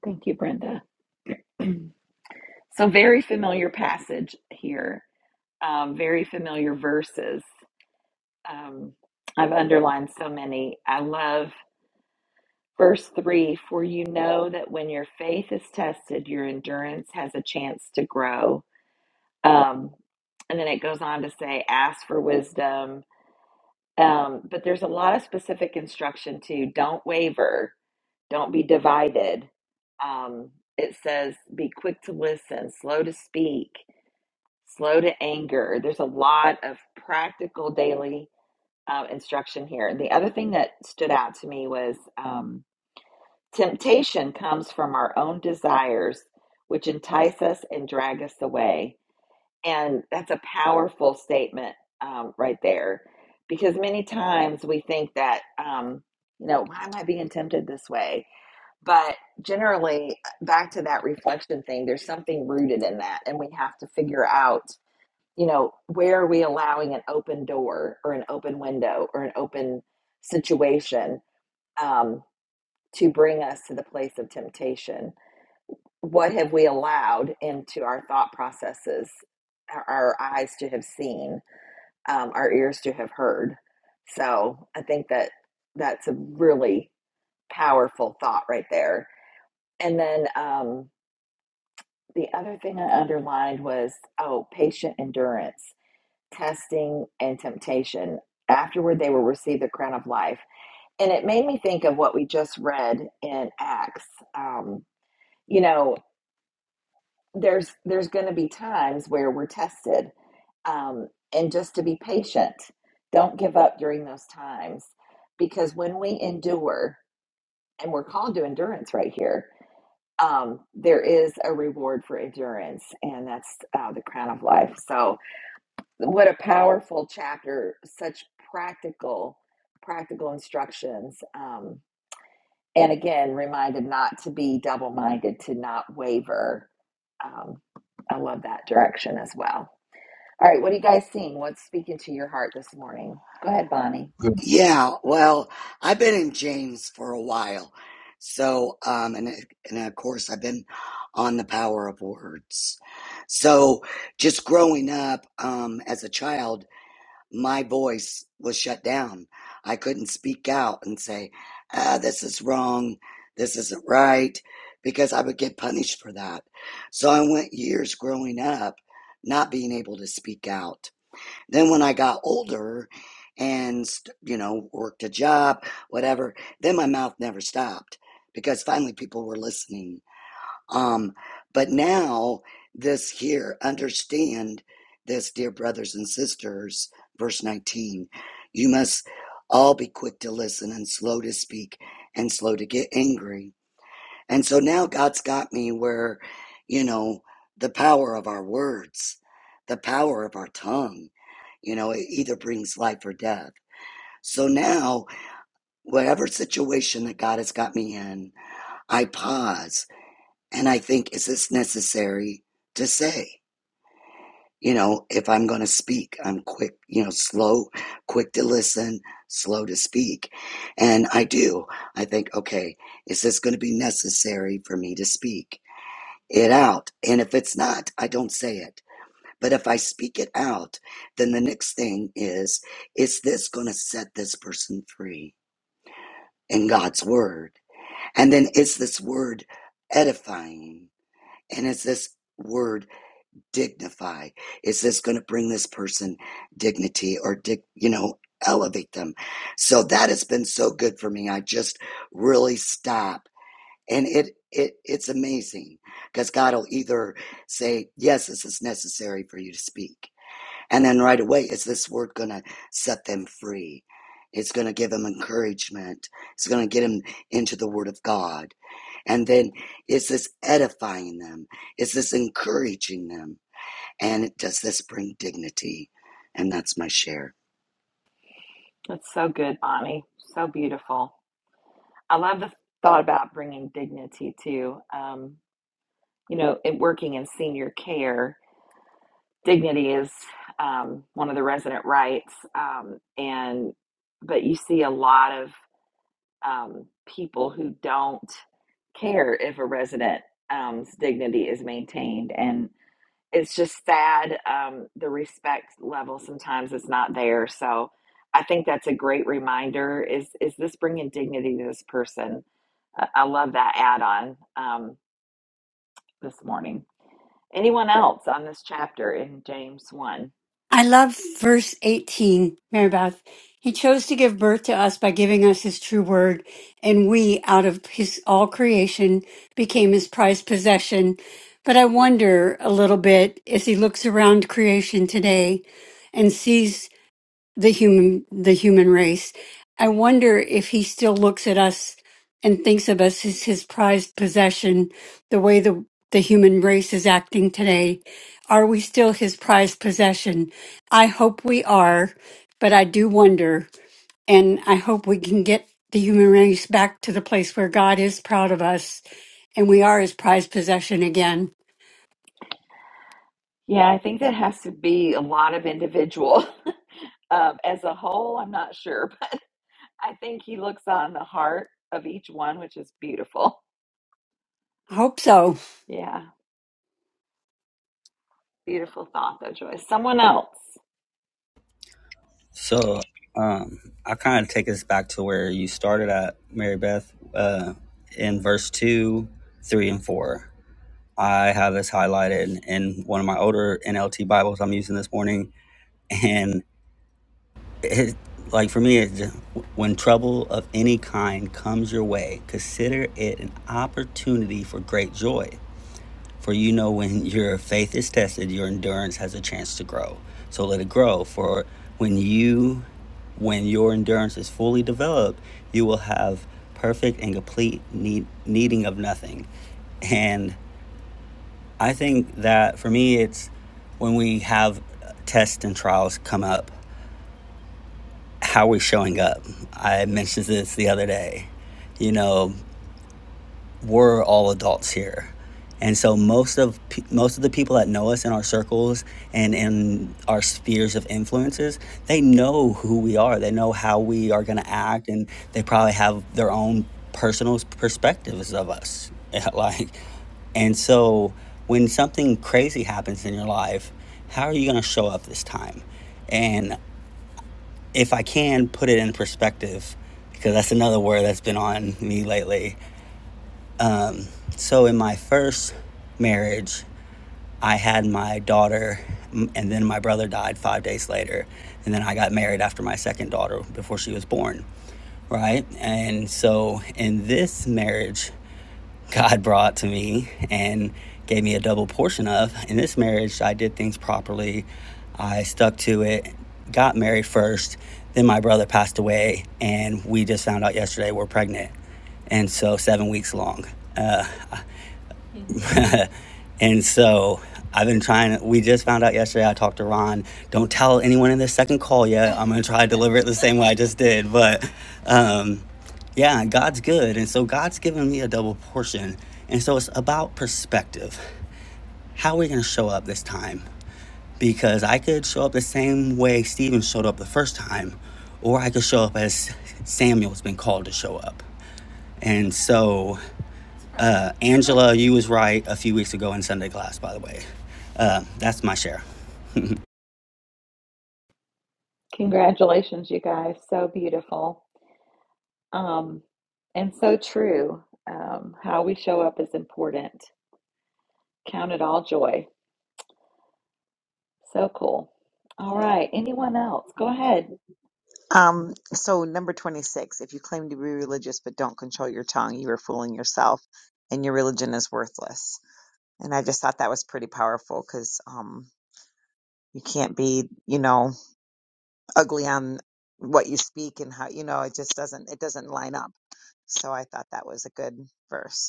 S1: Thank you, Brenda. So, very familiar passage here um, very familiar verses. Um, I've underlined so many. I love verse three for you know that when your faith is tested, your endurance has a chance to grow. Um, and then it goes on to say, ask for wisdom. Um, but there's a lot of specific instruction too. Don't waver, don't be divided. Um, it says, be quick to listen, slow to speak, slow to anger. There's a lot of practical daily um, instruction here. The other thing that stood out to me was um, temptation comes from our own desires, which entice us and drag us away. And that's a powerful statement um, right there, because many times we think that, um, you know, why am I being tempted this way? But generally, uh, back to that reflection thing, there's something rooted in that, and we have to figure out you know, where are we allowing an open door or an open window or an open situation um, to bring us to the place of temptation? What have we allowed into our thought processes, our, our eyes to have seen, um, our ears to have heard? So I think that that's a really powerful thought right there. And then um, the other thing I underlined was oh, patient endurance testing and temptation. Afterward, they will receive the crown of life. And it made me think of what we just read in Acts. Um, you know, there's there's going to be times where we're tested, um, and just to be patient. Don't give up during those times, because when we endure, and we're called to endurance right here, um, there is a reward for endurance, and that's uh, the crown of life. So what a powerful chapter such practical practical instructions um, and again reminded not to be double-minded to not waver um, i love that direction as well all right what are you guys seeing what's speaking to your heart this morning go ahead bonnie
S7: Yeah, well, I've been in James for a while. So, um, and, and of course, I've been on the power of words. So, just growing up, um, as a child, my voice was shut down. I couldn't speak out and say, ah, this is wrong. This isn't right because I would get punished for that. So I went years growing up not being able to speak out. Then when I got older and, st- you know, worked a job, whatever, then my mouth never stopped because finally people were listening. Um, but now this here, understand this, dear brothers and sisters, verse 19, you must all be quick to listen and slow to speak and slow to get angry and so now God's got me where, you know, the power of our words, the power of our tongue, you know, it either brings life or death. So now, whatever situation that God has got me in, I pause and I think, is this necessary to say? You know, if I'm going to speak, I'm quick, you know, slow, quick to listen, slow to speak. And I do. I think, okay, is this going to be necessary for me to speak? it out. And if it's not, I don't say it. But if I speak it out, then the next thing is, is this going to set this person free in God's word? And then is this word edifying? And is this word dignify? Is this going to bring this person dignity or, dig, you know, elevate them? So that has been so good for me. I just really stop and it it it's amazing because God will either say yes, this is necessary for you to speak, and then right away is this word going to set them free? It's going to give them encouragement. It's going to get them into the Word of God, and then is this edifying them? Is this encouraging them? And does this bring dignity? And that's my share.
S1: That's so good, Bonnie. So beautiful. I love the thought about bringing dignity too. Um, you know, it working in senior care. dignity is um, one of the resident rights um, and but you see a lot of um, people who don't care if a resident's um, dignity is maintained and it's just sad um, the respect level sometimes is not there so i think that's a great reminder is is this bringing dignity to this person i, I love that add-on um, this morning anyone else on this chapter in james 1
S4: I love verse 18, Mary Beth. He chose to give birth to us by giving us his true word, and we, out of his all creation, became his prized possession. But I wonder a little bit as he looks around creation today and sees the human the human race. I wonder if he still looks at us and thinks of us as his prized possession, the way the the human race is acting today. Are we still his prized possession? I hope we are, but I do wonder, and I hope we can get the human race back to the place where God is proud of us and we are his prized possession again.
S1: Yeah, I think that has to be a lot of individual. Um, as a whole, I'm not sure, but I think he looks on the heart of each one, which is beautiful.
S4: I hope so.
S1: Yeah, beautiful thought though, Joyce. Someone else.
S2: So, um, I kind of take us back to where you started at, Mary Beth, uh, in verse two, three, and four. I have this highlighted in one of my older NLT Bibles I'm using this morning, and it, like for me, it's just, when trouble of any kind comes your way, consider it an opportunity for great joy. For you know, when your faith is tested, your endurance has a chance to grow. So let it grow. For when you, when your endurance is fully developed, you will have perfect and complete need, needing of nothing. And I think that for me, it's when we have tests and trials come up how we're showing up. I mentioned this the other day. You know, we're all adults here. And so most of most of the people that know us in our circles and in our spheres of influences, they know who we are. They know how we are going to act and they probably have their own personal perspectives of us. like and so when something crazy happens in your life, how are you going to show up this time? And if I can put it in perspective, because that's another word that's been on me lately. Um, so, in my first marriage, I had my daughter, and then my brother died five days later. And then I got married after my second daughter before she was born, right? And so, in this marriage, God brought to me and gave me a double portion of. In this marriage, I did things properly. I stuck to it, got married first, then my brother passed away, and we just found out yesterday we're pregnant. And so, seven weeks long. Uh, and so I've been trying. We just found out yesterday. I talked to Ron. Don't tell anyone in this second call yet. I'm gonna try to deliver it the same way I just did. But um, yeah, God's good, and so God's given me a double portion, and so it's about perspective. How are we gonna show up this time? Because I could show up the same way Stephen showed up the first time, or I could show up as Samuel's been called to show up. And so, uh, Angela, you was right a few weeks ago in Sunday class, by the way. Uh, that's my share.
S1: Congratulations, you guys. So beautiful. Um, and so true. Um, how we show up is important. Count it all joy. So cool. All right. Anyone else? Go ahead.
S8: Um, so number 26, if you claim to be religious but don't control your tongue, you are fooling yourself and your religion is worthless. And I just thought that was pretty powerful because, um, you can't be, you know, ugly on what you speak and how, you know, it just doesn't, it doesn't line up. So I thought that was a good verse.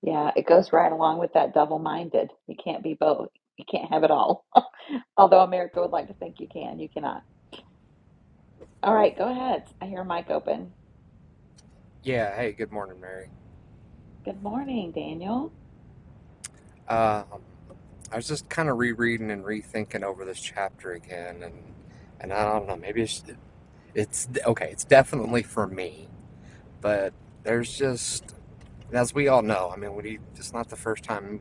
S1: Yeah, it goes right along with that double minded. You can't be both. You can't have it all. Although America would like to think you can, you cannot. All right, go ahead. I hear a mic open.
S9: Yeah, hey, good morning, Mary.
S1: Good morning, Daniel.
S9: Um, I was just kind of rereading and rethinking over this chapter again, and and I don't know, maybe it's it's okay, it's definitely for me, but there's just as we all know, I mean, we it's not the first time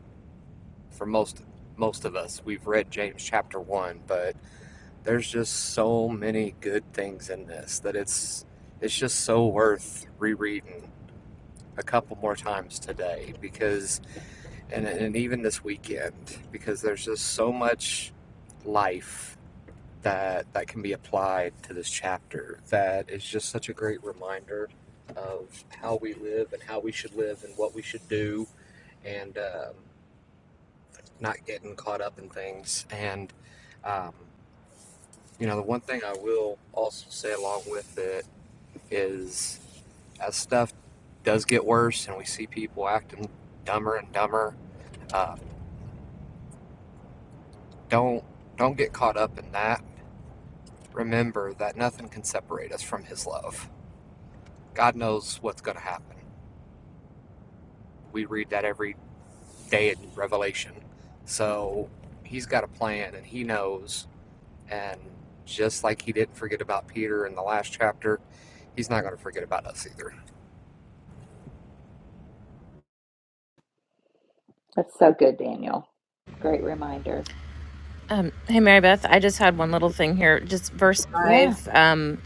S9: for most most of us we've read James chapter one, but there's just so many good things in this that it's it's just so worth rereading a couple more times today because and and even this weekend because there's just so much life that that can be applied to this chapter that is just such a great reminder of how we live and how we should live and what we should do and um, not getting caught up in things and um, you know the one thing I will also say along with it is as stuff does get worse and we see people acting dumber and dumber uh, don't don't get caught up in that Remember that nothing can separate us from His love. God knows what's going to happen. We read that every day in Revelation. So He's got a plan and He knows. And just like He didn't forget about Peter in the last chapter, He's not going to forget about us either.
S1: That's so good, Daniel. Great reminder.
S2: Um, hey, Mary Beth, I just had one little thing here. Just verse
S1: Yeah,
S2: five. Um,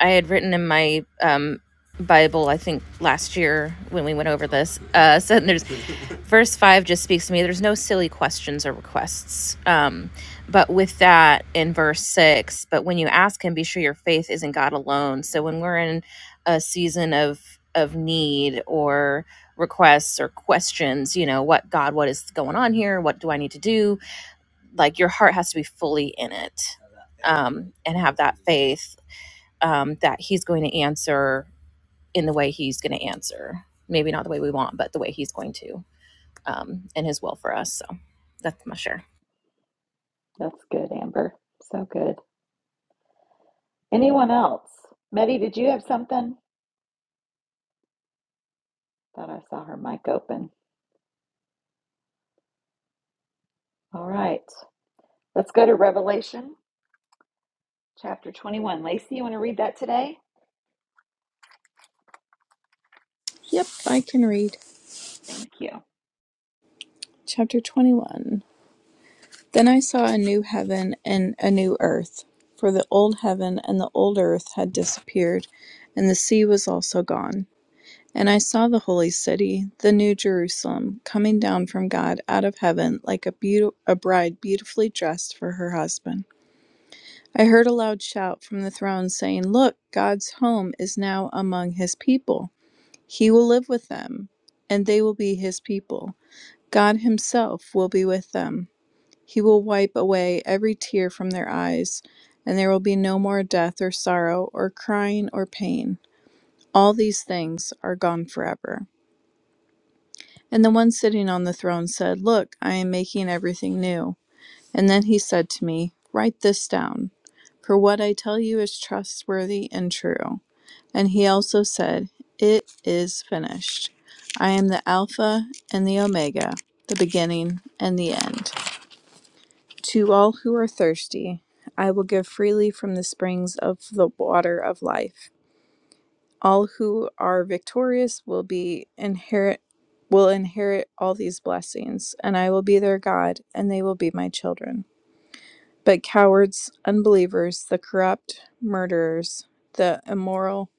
S2: I had written in my um, Bible, I think last year when we went over this. Uh, so there's verse five just speaks to me. There's no silly questions or requests. Um, but with that in verse six, but when you ask Him, be sure your faith is in God alone. So when we're in a season of of need or requests or questions, you know, what God, what is going on here? What do I need to do? Like your heart has to be fully in it um, and have that faith um, that he's going to answer in the way he's going to answer. Maybe not the way we want, but the way he's going to um, and his will for us. So that's my share.
S1: that's good, Amber. So good. Anyone else? Meddy, did you have something? Thought I saw her mic open. All right. Let's go to Revelation chapter 21. Lacey, you want to read that today?
S10: Yep, I can read.
S1: Thank you.
S10: Chapter 21. Then I saw a new heaven and a new earth, for the old heaven and the old earth had disappeared, and the sea was also gone. And I saw the holy city, the new Jerusalem, coming down from God out of heaven like a, beaut- a bride beautifully dressed for her husband. I heard a loud shout from the throne saying, Look, God's home is now among his people. He will live with them, and they will be his people. God Himself will be with them. He will wipe away every tear from their eyes, and there will be no more death or sorrow or crying or pain. All these things are gone forever. And the one sitting on the throne said, Look, I am making everything new. And then he said to me, Write this down, for what I tell you is trustworthy and true. And he also said, It is finished. I am the Alpha and the Omega, the beginning and the end. To all who are thirsty, I will give freely from the springs of the water of life. All who are victorious will be inherit will inherit all these blessings, and I will be their God, and they will be my children. But cowards, unbelievers, the corrupt, murderers, the immoral,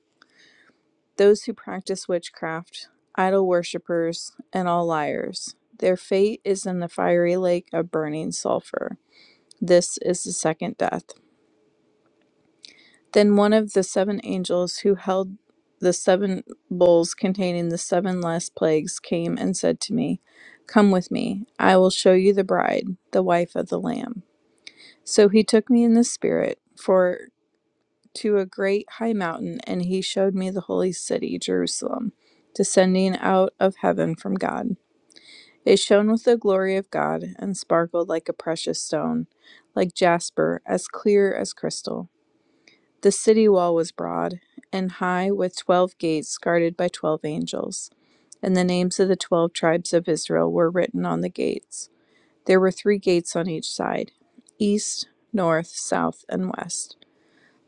S10: those who practice witchcraft, idol worshippers, and all liars, their fate is in the fiery lake of burning sulfur. This is the second death. Then one of the seven angels who held the seven bowls containing the seven last plagues came and said to me, Come with me, I will show you the bride, the wife of the Lamb. So he took me in the spirit for to a great high mountain, and he showed me the holy city, Jerusalem, descending out of heaven from God. It shone with the glory of God and sparkled like a precious stone, like jasper, as clear as crystal. The city wall was broad and high, with twelve gates guarded by twelve angels. And the names of the twelve tribes of Israel were written on the gates. There were three gates on each side east, north, south, and west.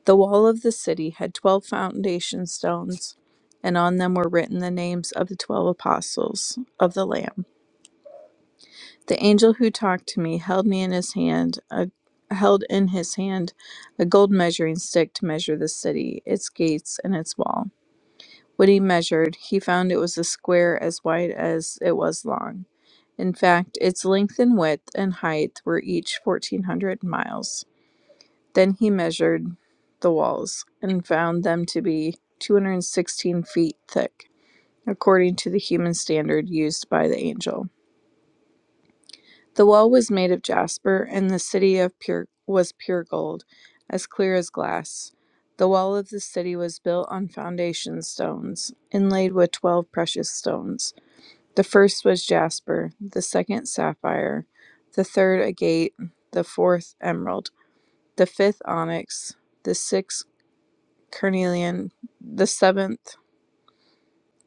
S10: The wall of the city had twelve foundation stones, and on them were written the names of the twelve apostles of the Lamb. The angel who talked to me held me in his hand, a, held in his hand a gold measuring stick to measure the city, its gates, and its wall. When he measured, he found it was a square as wide as it was long. In fact, its length and width and height were each 1400 miles. Then he measured the walls and found them to be 216 feet thick, according to the human standard used by the angel. The well was made of jasper, and the city of pure was pure gold, as clear as glass. The wall of the city was built on foundation stones, inlaid with twelve precious stones. The first was jasper, the second sapphire, the third agate, the fourth emerald, the fifth onyx, the sixth carnelian, the seventh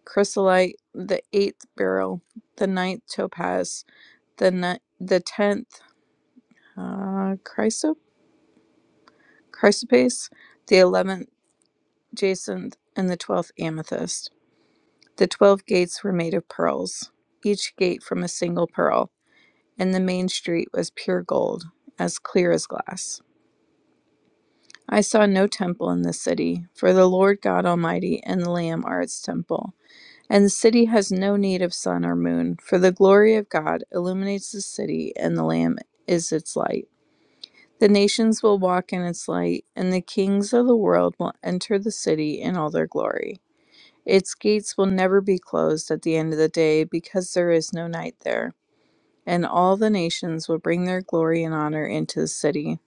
S10: chrysolite, the eighth beryl, the ninth topaz, the ni- the tenth uh, chrysoprase chrysoprase, the eleventh jacinth, and the twelfth amethyst. The twelve gates were made of pearls, each gate from a single pearl, and the main street was pure gold, as clear as glass. I saw no temple in the city, for the Lord God Almighty and the Lamb are its temple. And the city has no need of sun or moon, for the glory of God illuminates the city, and the Lamb is its light. The nations will walk in its light, and the kings of the world will enter the city in all their glory. Its gates will never be closed at the end of the day because there is no night there. And all the nations will bring their glory and honor into the city.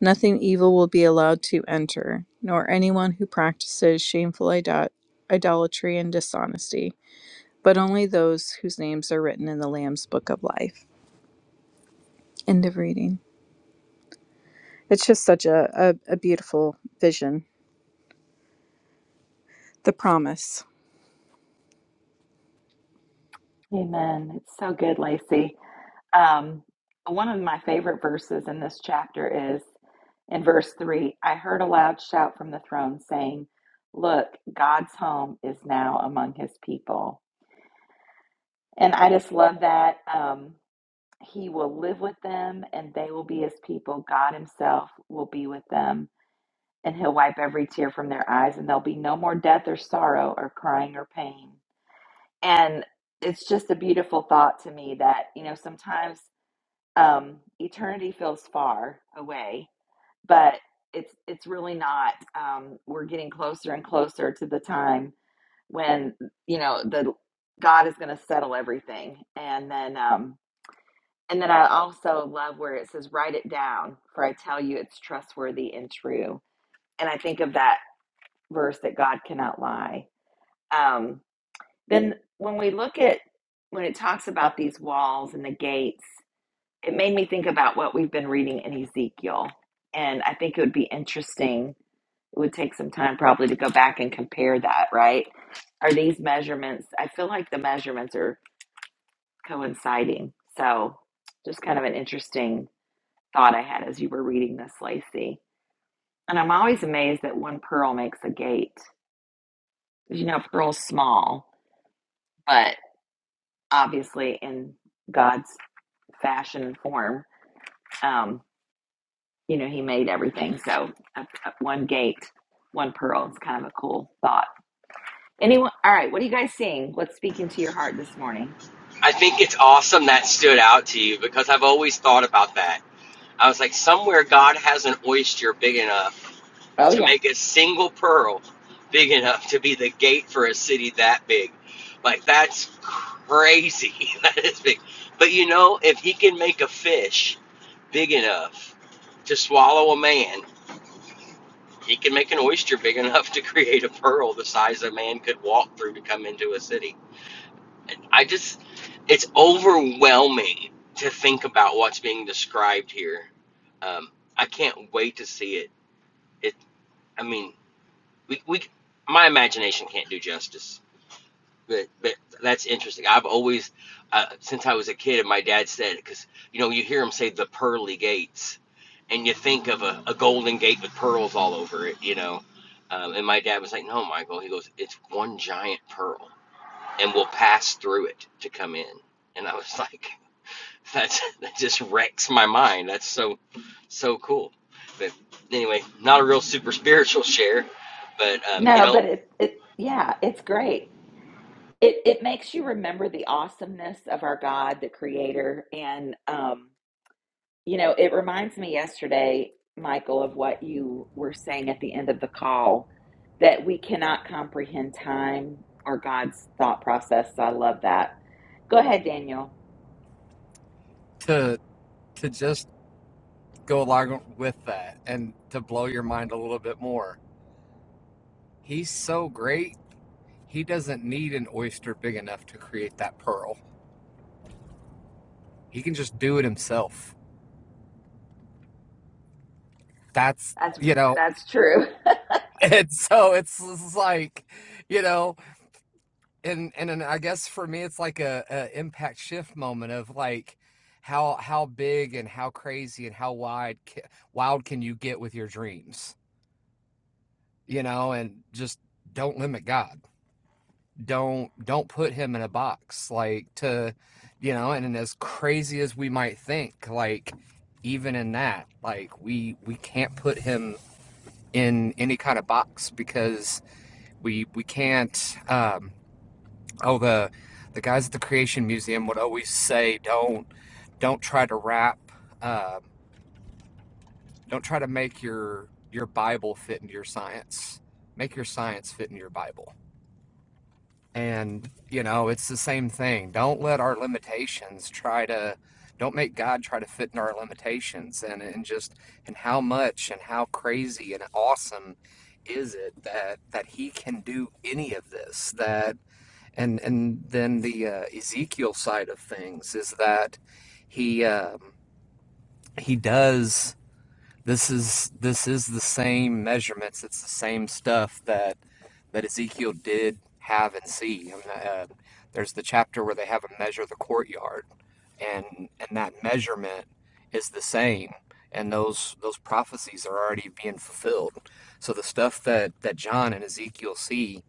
S10: Nothing evil will be allowed to enter, nor anyone who practices shameful idol- idolatry and dishonesty, but only those whose names are written in the Lamb's book of life. End of reading. It's just such a, a, a beautiful vision. The promise.
S1: Amen. It's so good, Lacey. Um, one of my favorite verses in this chapter is in verse 3 I heard a loud shout from the throne saying, Look, God's home is now among his people. And I just love that. Um, he will live with them and they will be his people. God himself will be with them and he'll wipe every tear from their eyes and there'll be no more death or sorrow or crying or pain. And it's just a beautiful thought to me that, you know, sometimes Um, eternity feels far away, but it's it's really not. Um, we're getting closer and closer to the time when you know the God is going to settle everything, and then um, and then I also love where it says, "Write it down, for I tell you, it's trustworthy and true." And I think of that verse that God cannot lie. Um, then when we look at when it talks about these walls and the gates it made me think about what we've been reading in Ezekiel. And I think it would be interesting. It would take some time probably to go back and compare that, right? Are these measurements? I feel like the measurements are coinciding. So, just kind of an interesting thought I had as you were reading this, Lacey. And I'm always amazed that one pearl makes a gate. Because, you know, pearl's small, but obviously in God's fashion and form. Um, you know, he made everything. So up, up one gate, one pearl. It's kind of a cool thought. Anyone? All right. What are you guys seeing? What's speaking to your heart this morning?
S3: I think it's awesome that stood out to you because I've always thought about that. I was like, somewhere God has an oyster big enough
S1: Oh
S3: to
S1: yeah.
S3: make a single pearl big enough to be the gate for a city that big. Like, that's crazy. that is big. But you know, if he can make a fish big enough to swallow a man, He can make an oyster big enough to create a pearl the size a man could walk through to come into a city. I just, it's to hear. Um, I can't wait to see it. It, I mean, we, we, my imagination can't do justice. But, but that's interesting. I've always, uh, since I was a kid, and my dad said because you know you hear him say the pearly gates, and you think of a, a golden gate with pearls all over it, you know. Um, and my dad was like, "No, Michael." He goes, "It's one giant pearl." and will pass through it to come in. And I was like, that's that just wrecks my mind. That's so so cool. But anyway, not a real super spiritual share, but um, you
S1: No,
S3: know,
S1: but it, it, yeah, it's great. It, it makes you remember the awesomeness of our God, the creator. And, um, you know, it reminds me yesterday, Michael, of what you were saying at the end of the call that we cannot comprehend time or God's thought process. So I love that. Go ahead, Daniel.
S9: To, to just go along with that and to blow your mind a little bit more, He's so great, He doesn't need an oyster big enough to create that pearl. He can just do it Himself. That's,
S1: That's
S9: you know,
S1: that's true.
S9: and so it's, it's like you know and and, and i guess for me it's like a, a impact shift moment of like how how big and how crazy and how wide wild can you get with your dreams you know and just don't limit god don't don't put him in a box like to you know and, and as crazy as we might think like even in that like we we can't put him in any kind of box because we we can't um Oh, the the guys at the Creation Museum would always say, "Don't don't try to wrap, uh, don't try to make your your Bible fit into your science. Make your science fit into your Bible." And you know, it's the same thing. Don't let our limitations try to, don't make God try to fit into our limitations. And and just and how much and how crazy and awesome is it that that He can do any of this? That And and then the uh, Ezekiel side of things is that he um, he does this is this is the same measurements. It's the same stuff that that Ezekiel did have and see. I mean, uh, there's the chapter where they have him measure the courtyard, and and that measurement is the same. And those those prophecies are already being fulfilled. So the stuff that that John and Ezekiel see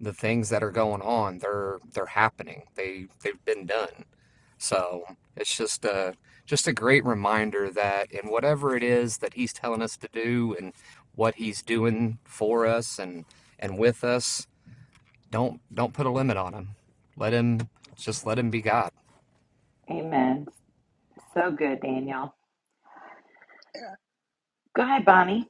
S9: the things that are going on they're they're happening they they've been done so it's just a just a great reminder that in whatever it is that he's telling us to do and what he's doing for us and and with us don't don't put a limit on him let him just let him be god
S1: Amen. So good, Daniel. Go ahead, Bonnie.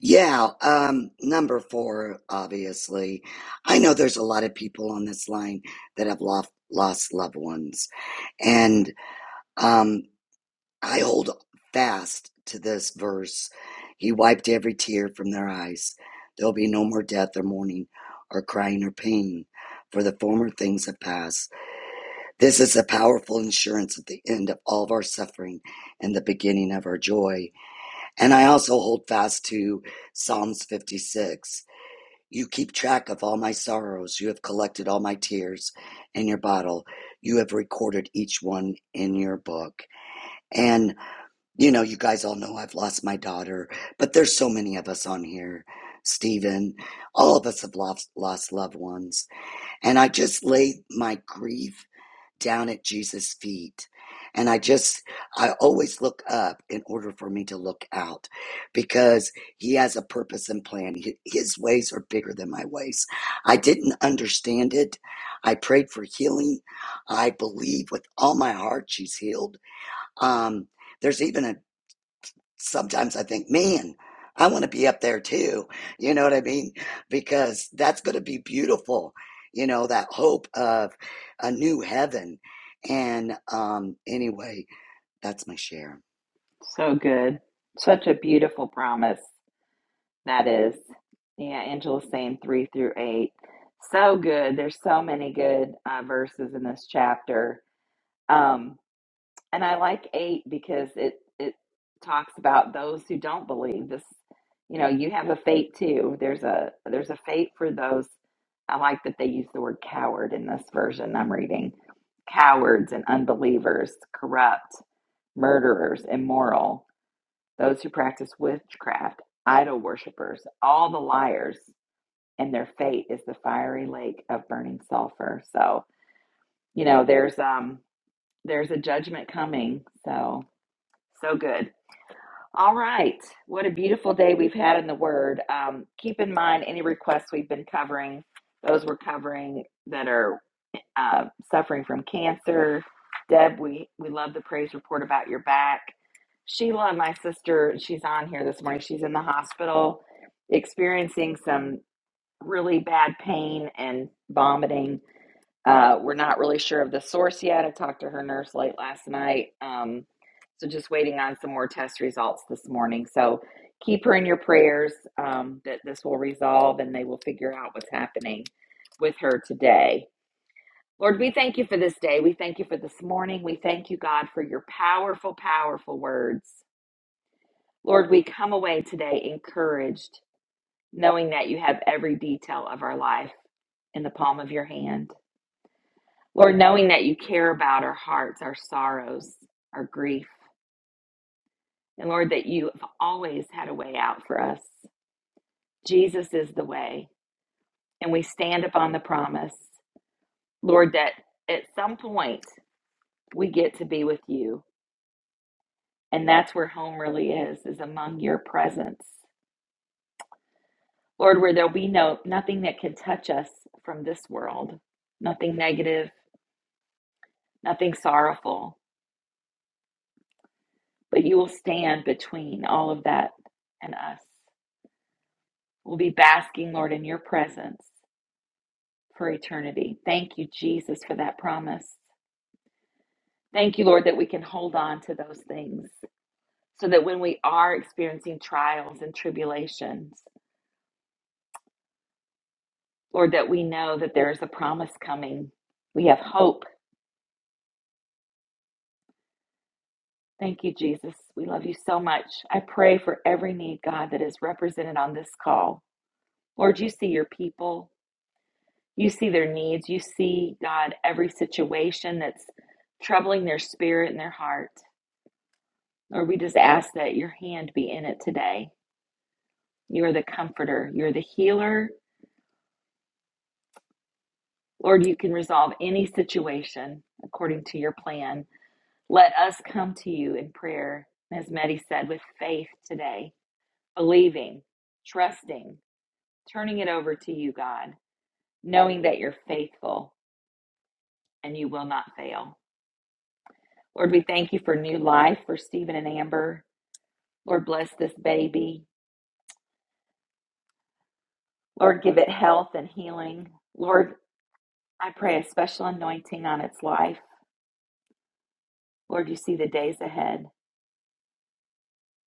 S7: Yeah, um, number four, obviously. I know there's a lot of people on this line that have lost lost loved ones, and um, I hold fast to this verse. He wiped every tear from their eyes. There'll be no more death or mourning or crying or pain, for the former things have passed. This is a powerful insurance at the end of all of our suffering and the beginning of our joy. And I also hold fast to Psalms 56 you keep track of all my sorrows. You have collected all my tears in your bottle. You have recorded each one in your book. And, you know, you guys all know I've lost my daughter, but there's so many of us on here. Stephen, all of us have lost, lost loved ones. And I just laid my grief down at Jesus' feet. And I just, I always look up in order for me to look out because he has a purpose and plan. Hi- His ways are bigger than my ways. I didn't understand it. I prayed for healing. I believe with all my heart she's healed. Um, there's even a sometimes I think, man, I want to be up there too. You know what I mean? Because that's going to be beautiful. You know, that hope of a new heaven. And um, anyway, that's my share.
S1: So good. Such a beautiful promise that is. Yeah, Angela's saying three through eight. So good. There's so many good uh, verses in this chapter. Um, And I like eight because it it talks about those who don't believe. This, you know, you have a fate too. There's a there's a fate for those. I like that they use the word coward in this version I'm reading. Cowards and unbelievers, corrupt, murderers, immoral, those who practice witchcraft, idol worshippers, all the liars, and their fate is the fiery lake of burning sulfur. So, you know, there's um there's a judgment coming. So so good. All right. What a beautiful day we've had in the Word. Um, keep in mind any requests we've been covering, those we're covering that are uh, suffering from cancer. Deb, we, we love the praise report about your back. Sheila, my sister, she's on here this morning. She's in the hospital experiencing some really bad pain and vomiting uh, we're not really sure of the source yet. I talked to her nurse late last night. Um, so just waiting on some more test results this morning. So keep her in your prayers um, that this will resolve and they will figure out what's happening with her today. Lord, we thank you for this day. We thank you for this morning. We thank you, God, for your powerful, powerful words. Lord, we come away today encouraged, knowing that you have every detail of our life in the palm of your hand. Lord, knowing that you care about our hearts, our sorrows, our grief, and Lord, that you have always had a way out for us. Jesus is the way, and we stand upon the promise, Lord, that at some point we get to be with you, and that's where home really is, is among your presence. Lord, where there'll be no nothing that can touch us from this world, nothing negative, nothing sorrowful, but you will stand between all of that and us. We'll be basking, Lord, in your presence for eternity. Thank you, Jesus, for that promise. Thank you, Lord, that we can hold on to those things so that when we are experiencing trials and tribulations, Lord, that we know that there is a promise coming. We have hope. Thank you, Jesus. We love you so much. I pray for every need, God, that is represented on this call. Lord, you see your people, you see their needs, you see, God, every situation that's troubling their spirit and their heart. Lord, we just ask that your hand be in it today. You are the comforter, you're the healer. Lord, you can resolve any situation according to your plan. Let us come to you in prayer, as Maddie said, with faith today, believing, trusting, turning it over to you, God, knowing that you're faithful and you will not fail. Lord, we thank you for new life for Stephen and Amber. Lord, bless this baby. Lord, give it health and healing. Lord, I pray a special anointing on its life. Lord, you see the days ahead.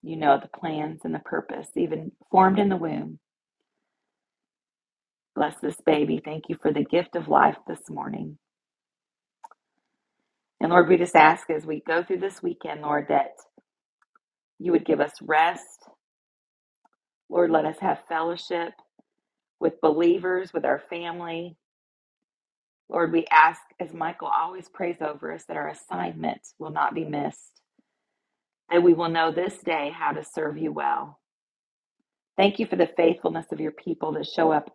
S1: You know the plans and the purpose, even formed in the womb. Bless this baby. Thank you for the gift of life this morning. And Lord, we just ask as we go through this weekend, Lord, that you would give us rest. Lord, let us have fellowship with believers, with our family. Lord, we ask, as Michael always prays over us, that our assignment will not be missed, that we will know this day how to serve you well. Thank you for the faithfulness of your people that show up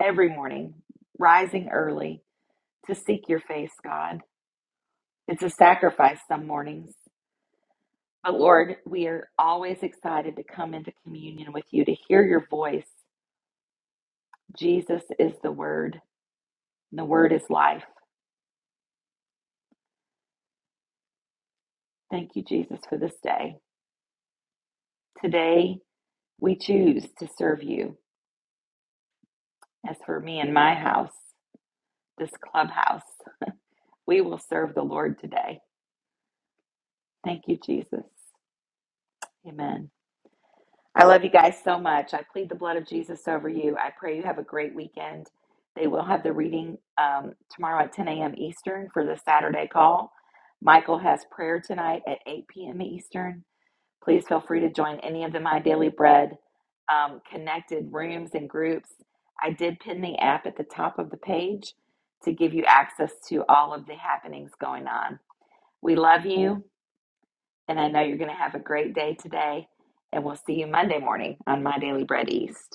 S1: every morning, rising early to seek your face, God. It's a sacrifice some mornings. But Lord, we are always excited to come into communion with you, to hear your voice. Jesus is the Word, and the Word is life. Thank you, Jesus, for this day. Today, we choose to serve you. As for me and my house, this clubhouse, we will serve the Lord today. Thank you, Jesus. Amen. I love you guys so much. I plead the blood of Jesus over you. I pray you have a great weekend. They will have the reading um, tomorrow at 10 a.m. Eastern for the Saturday call. Michael has prayer tonight at 8 p.m. Eastern. Please feel free to join any of the My Daily Bread um, connected rooms and groups. I did pin the app at the top of the page to give you access to all of the happenings going on. We love you. And I know you're going to have a great day today. And we'll see you Monday morning on My Daily Bread East.